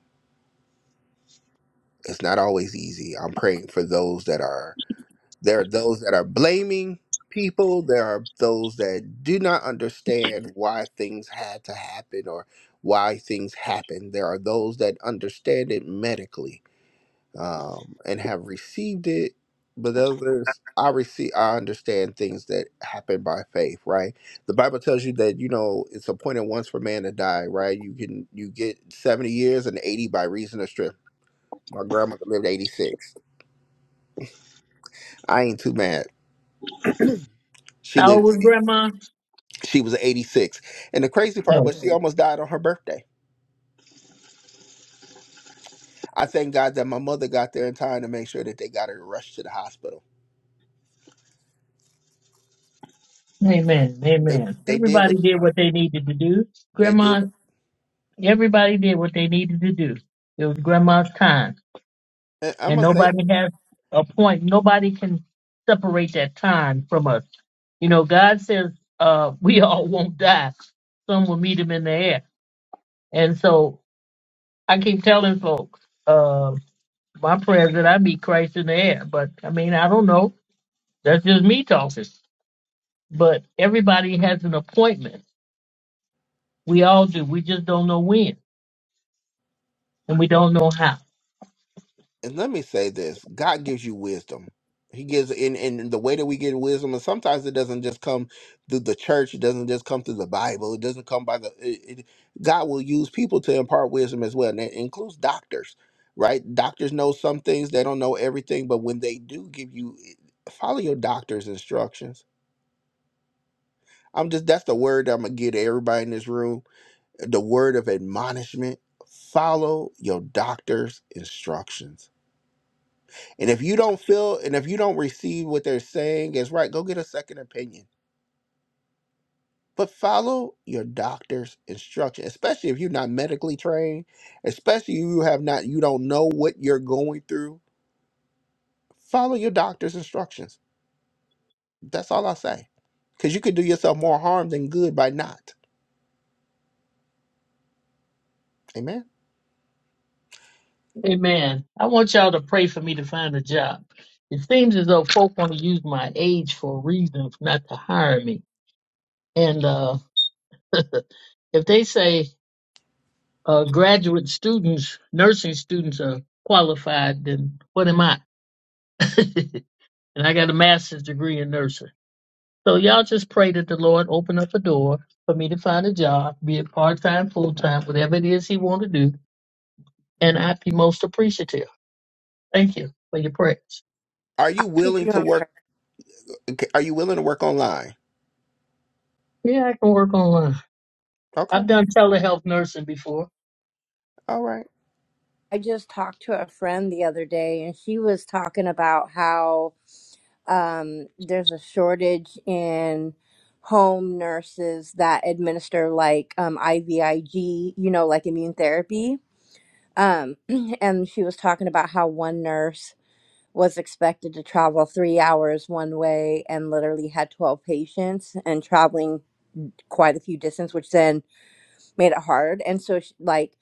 it's not always easy. I'm praying for those that are there are those that are blaming people. There are those that do not understand why things had to happen or why things happen. There are those that understand it medically um, and have received it. But others, I receive, I understand things that happen by faith, right? The Bible tells you that you know it's appointed once for man to die, right? You can you get seventy years and eighty by reason of strength. My grandmother lived eighty six. I ain't too mad. She
How old
lived.
was Grandma?
She was eighty six, and the crazy part
No.
was she almost died on her birthday. I thank God that my mother got there in time to make sure that they got her rushed to the hospital.
Amen,
They
amen.
they did
Everybody
what
did what they needed to do.
they did
Grandma,
what.
everybody did what they needed to do. It was Grandma's time.
I'm
and
gonna say
nobody has a point. Nobody can separate that time from us. You know, God says uh, we all won't die. Some will meet him in the air. And so I keep telling folks, uh, my prayers that I meet Christ in the air. But I mean, I don't know. That's just me talking. But everybody has an appointment. We all do. We just don't know when and we don't know how.
and let me say this god gives you wisdom he gives in in the way that we get wisdom and sometimes it doesn't just come through the church it doesn't just come through the bible it doesn't come by the it, it- god will use people to impart wisdom as well and it includes doctors right doctors know some things they don't know everything but when they do give you follow your doctor's instructions i'm just that's the word i'm gonna give to everybody in this room the word of admonishment follow your doctor's instructions And if you don't feel and if you don't receive what they're saying is right, go get a second opinion. But follow your doctor's instruction, especially if you're not medically trained, especially if you have not you don't know what you're going through. Follow your doctor's instructions. That's all I say. Cuz you could do yourself more harm than good by not. Amen.
Amen. I want y'all to pray for me to find a job. It seems as though folk want to use my age for a reason not to hire me. And uh, if they say uh, graduate students, nursing students are qualified, then what am I? and I got a master's degree in nursing. So y'all just pray that the Lord open up a door for me to find a job, be it part time, full time, whatever it is He want to do, and I'd be most appreciative. Thank you for your prayers.
Are
I'll
you
keep
willing
you
to
on
work
prayer.
are you willing to work online?
Yeah, I can work online.
Okay.
I've done telehealth nursing before,
All right.
I just talked to a friend the other day, and she was talking about how um, there's a shortage in home nurses that administer like um, IVIG, you know, like immune therapy. Um, and she was talking about how one nurse was expected to travel three hours one way and literally had 12 patients and traveling quite a few distance, which then made it hard. And so, she, like,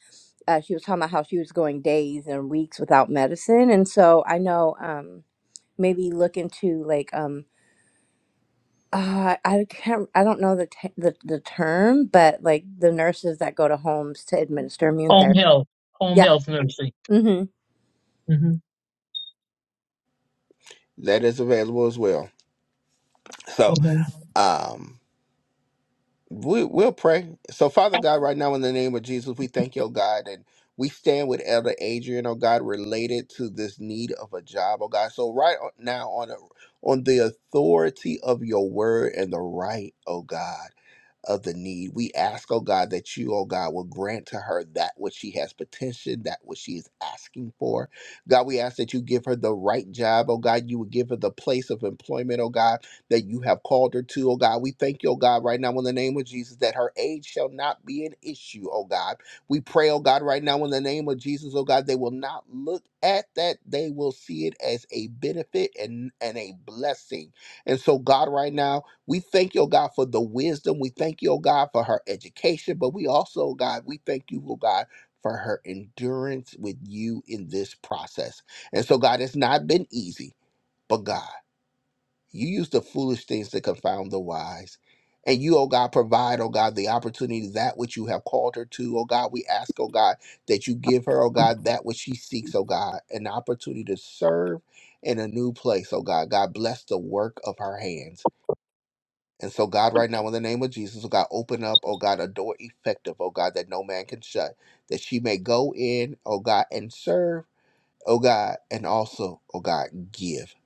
uh, she was talking about how she was going days and weeks without medicine, and so I know um, maybe look into like um, uh, I can't I don't know the, t- the the term, but like the nurses that go to homes to administer immune
home
therapy.
health, home
Yeah.
health nursing.
Mm-hmm.
hmm
That is available as well. So,
hmm
um we, we'll pray. So, Father God, right now in the name of Jesus, we thank you, oh God, and we stand with Elder Adrian, oh God, related to this need of a job, oh God. So, right o- now, on a, on the authority of your word and the right, oh God of the need. We ask, oh God, that you, oh God, will grant to her that which she has petitioned, that which she is asking for. God, we ask that you give her the right job, oh God. You would give her the place of employment, oh God, that you have called her to, oh God. We thank you, oh God, right now in the name of Jesus, that her age shall not be an issue, oh God. We pray, oh God, right now in the name of Jesus, oh God, they will not look at that. They will see it as a benefit and, and a blessing. And so, God, right now, we thank you, oh God, for the wisdom. We thank you, oh God, for her education, but we also, oh God, we thank you, oh God, for her endurance with you in this process. And so, God, it's not been easy, but God, you use the foolish things to confound the wise. And you, oh God, provide, oh God, the opportunity that which you have called her to. Oh God, we ask, oh God, that you give her, oh God, that which she seeks, oh God, an opportunity to serve in a new place, oh God. God, bless the work of her hands. And so, God, right now, in the name of Jesus, oh God, open up, oh God, a door effective, oh God, that no man can shut, that she may go in, oh God, and serve, oh God, and also, oh God, give.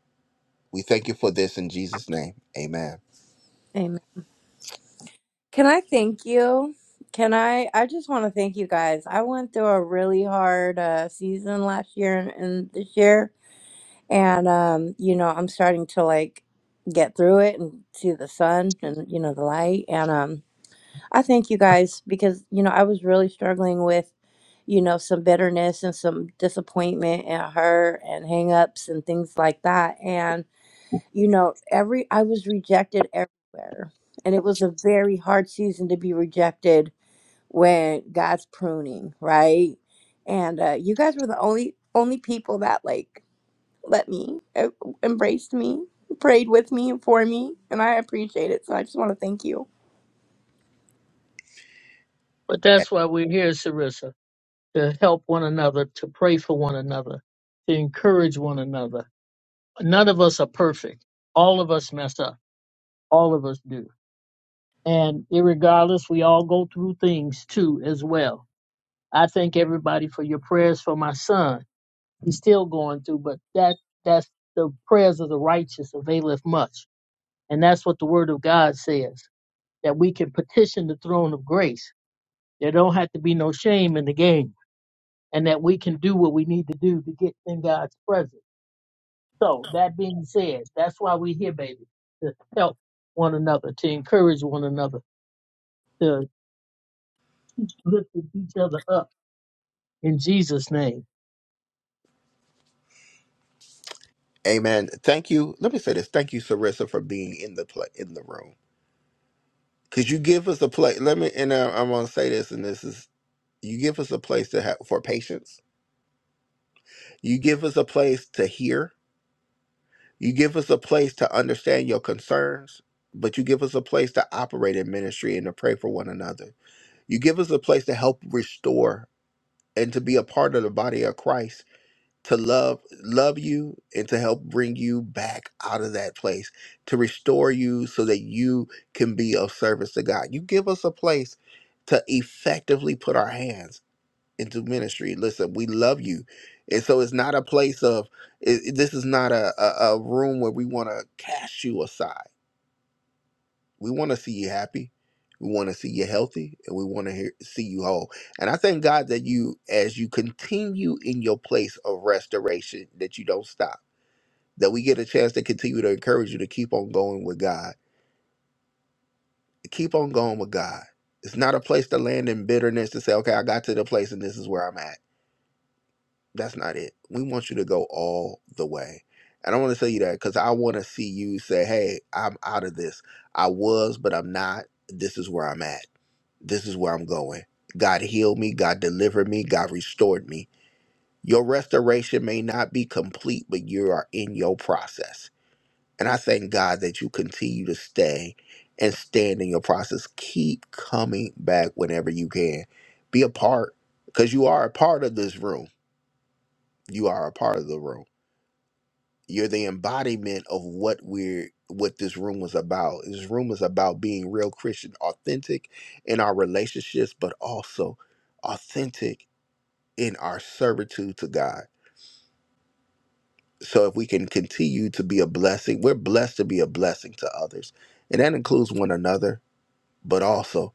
We thank you for this in Jesus' name. Amen.
Amen. Can I thank you? Can I? I just want to thank you guys. I went through a really hard uh, season last year and, and this year, and um, you know I'm starting to like get through it and see the sun and you know the light and um I thank you guys because, you know, I was really struggling with, you know, some bitterness and some disappointment and hurt and hangups and things like that. And, you know, every, I was rejected everywhere. And it was a very hard season to be rejected when God's pruning, right? And uh, you guys were the only, only people that like let me, uh, embraced me, prayed with me and for me. And I appreciate it. So I just want to thank you.
But
A-
that's why we're here, Sarissa, to help one another, to pray for one another, to encourage one another. None of us are perfect. All of us mess up. All of us do. And irregardless, we all go through things too, as well. I thank everybody for your prayers for my son. He's still going through, but that that's the prayers of the righteous availeth much. And that's what the word of God says. that we can petition the throne of grace. There don't have to be no shame in the game, and that we can do what we need to do to get in God's presence. So that being said, that's why we're here, baby, to help one another, to encourage one another, to lift each other up in Jesus' name.
Amen. Thank you. Let me say this. Thank you, Sarissa, for being in the play in the room. Cause you give us a place. Let me, and I, I'm gonna say this, and this is you give us a place to have for patience. You give us a place to hear. You give us a place to understand your concerns, but you give us a place to operate in ministry and to pray for one another. You give us a place to help restore and to be a part of the body of Christ, to love love you and to help bring you back out of that place, to restore you so that you can be of service to God. You give us a place to effectively put our hands into ministry. Listen, we love you, and so it's not a place of. It, it- this is not a, a a room where we want to cast you aside. We want to see you happy. We want to see you healthy, and we want to hear, see you whole. And I thank God that you, as you continue in your place of restoration, that you don't stop. That we get a chance to continue to encourage you to keep on going with God. Keep on going with God. It's not a place to land in bitterness to say, okay, I got to the place and this is where I'm at That's not it. We want you to go all the way. And I want to tell you that because I want to see you say, hey, I'm out of this. I was, but I'm not. This is where I'm at. This is where I'm going. God healed me. God delivered me. God restored me. Your restoration may not be complete, but you are in your process. And I thank God that you continue to stay and stand in your process. Keep coming back whenever you can. Be a part because you are a part of this room. You are a part of the room you're the embodiment of what we're what this room was about. This room is about being real Christian, authentic in our relationships, but also authentic in our servitude to God. So if we can continue to be a blessing, we're blessed to be a blessing to others. And that includes one another, but also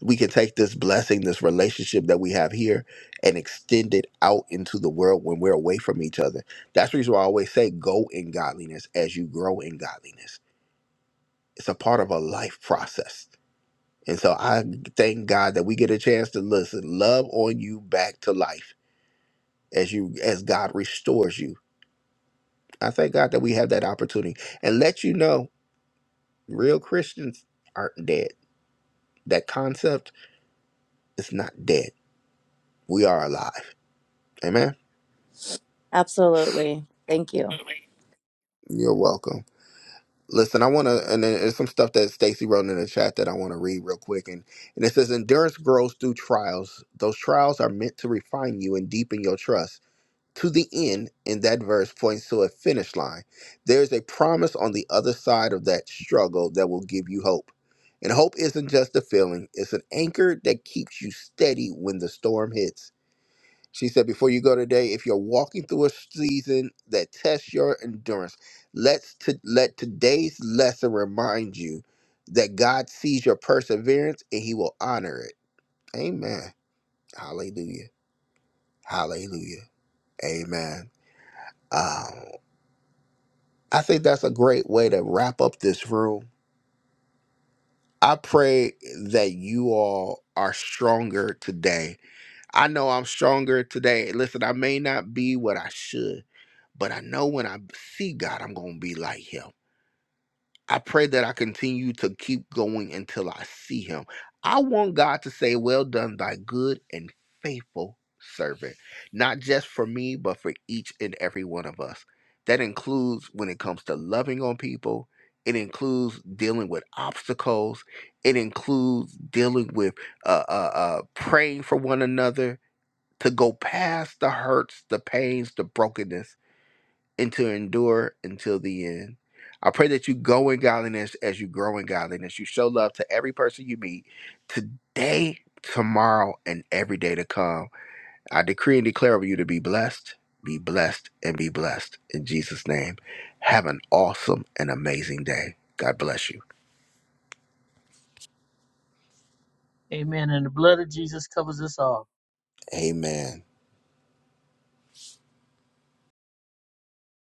we can take this blessing, this relationship that we have here, and extend it out into the world when we're away from each other. That's the reason why I always say go in godliness as you grow in godliness it's a part of a life process. And so I thank God that we get a chance to listen, love on you back to life as you as God restores you. I thank God that we have that opportunity and let you know real Christians aren't dead. That concept is not dead. We are alive. Amen.
Absolutely. Thank you.
You're welcome. Listen, I want to, and then there's some stuff that Stacy wrote in the chat that I want to read real quick. And, and it says, Endurance grows through trials. Those trials are meant to refine you and deepen your trust. to the end in that verse points to a finish line. There's a promise on the other side of that struggle that will give you hope. And hope isn't just a feeling, it's an anchor that keeps you steady when the storm hits. She said, Before you go today, if you're walking through a season that tests your endurance, let's to, let today's lesson remind you that God sees your perseverance and he will honor it. Amen. Hallelujah. Hallelujah. Amen. Um, I think that's a great way to wrap up this room. I pray that you all are stronger today. I know I'm stronger today. Listen, I may not be what I should, but I know when I see God, I'm going to be like Him. I pray that I continue to keep going until I see him. I want God to say, Well done, thy good and faithful servant, not just for me, but for each and every one of us. That includes when it comes to loving on people, it includes dealing with obstacles, it includes dealing with uh, uh, uh, praying for one another to go past the hurts, the pains, the brokenness and to endure until the end. I pray that you go in godliness as you grow in godliness. You show love to every person you meet today, tomorrow, and every day to come. I decree and declare over you to be blessed, be blessed, and be blessed. In Jesus' name, have an awesome and amazing day. God bless you.
Amen. And the blood of Jesus covers us all.
Amen.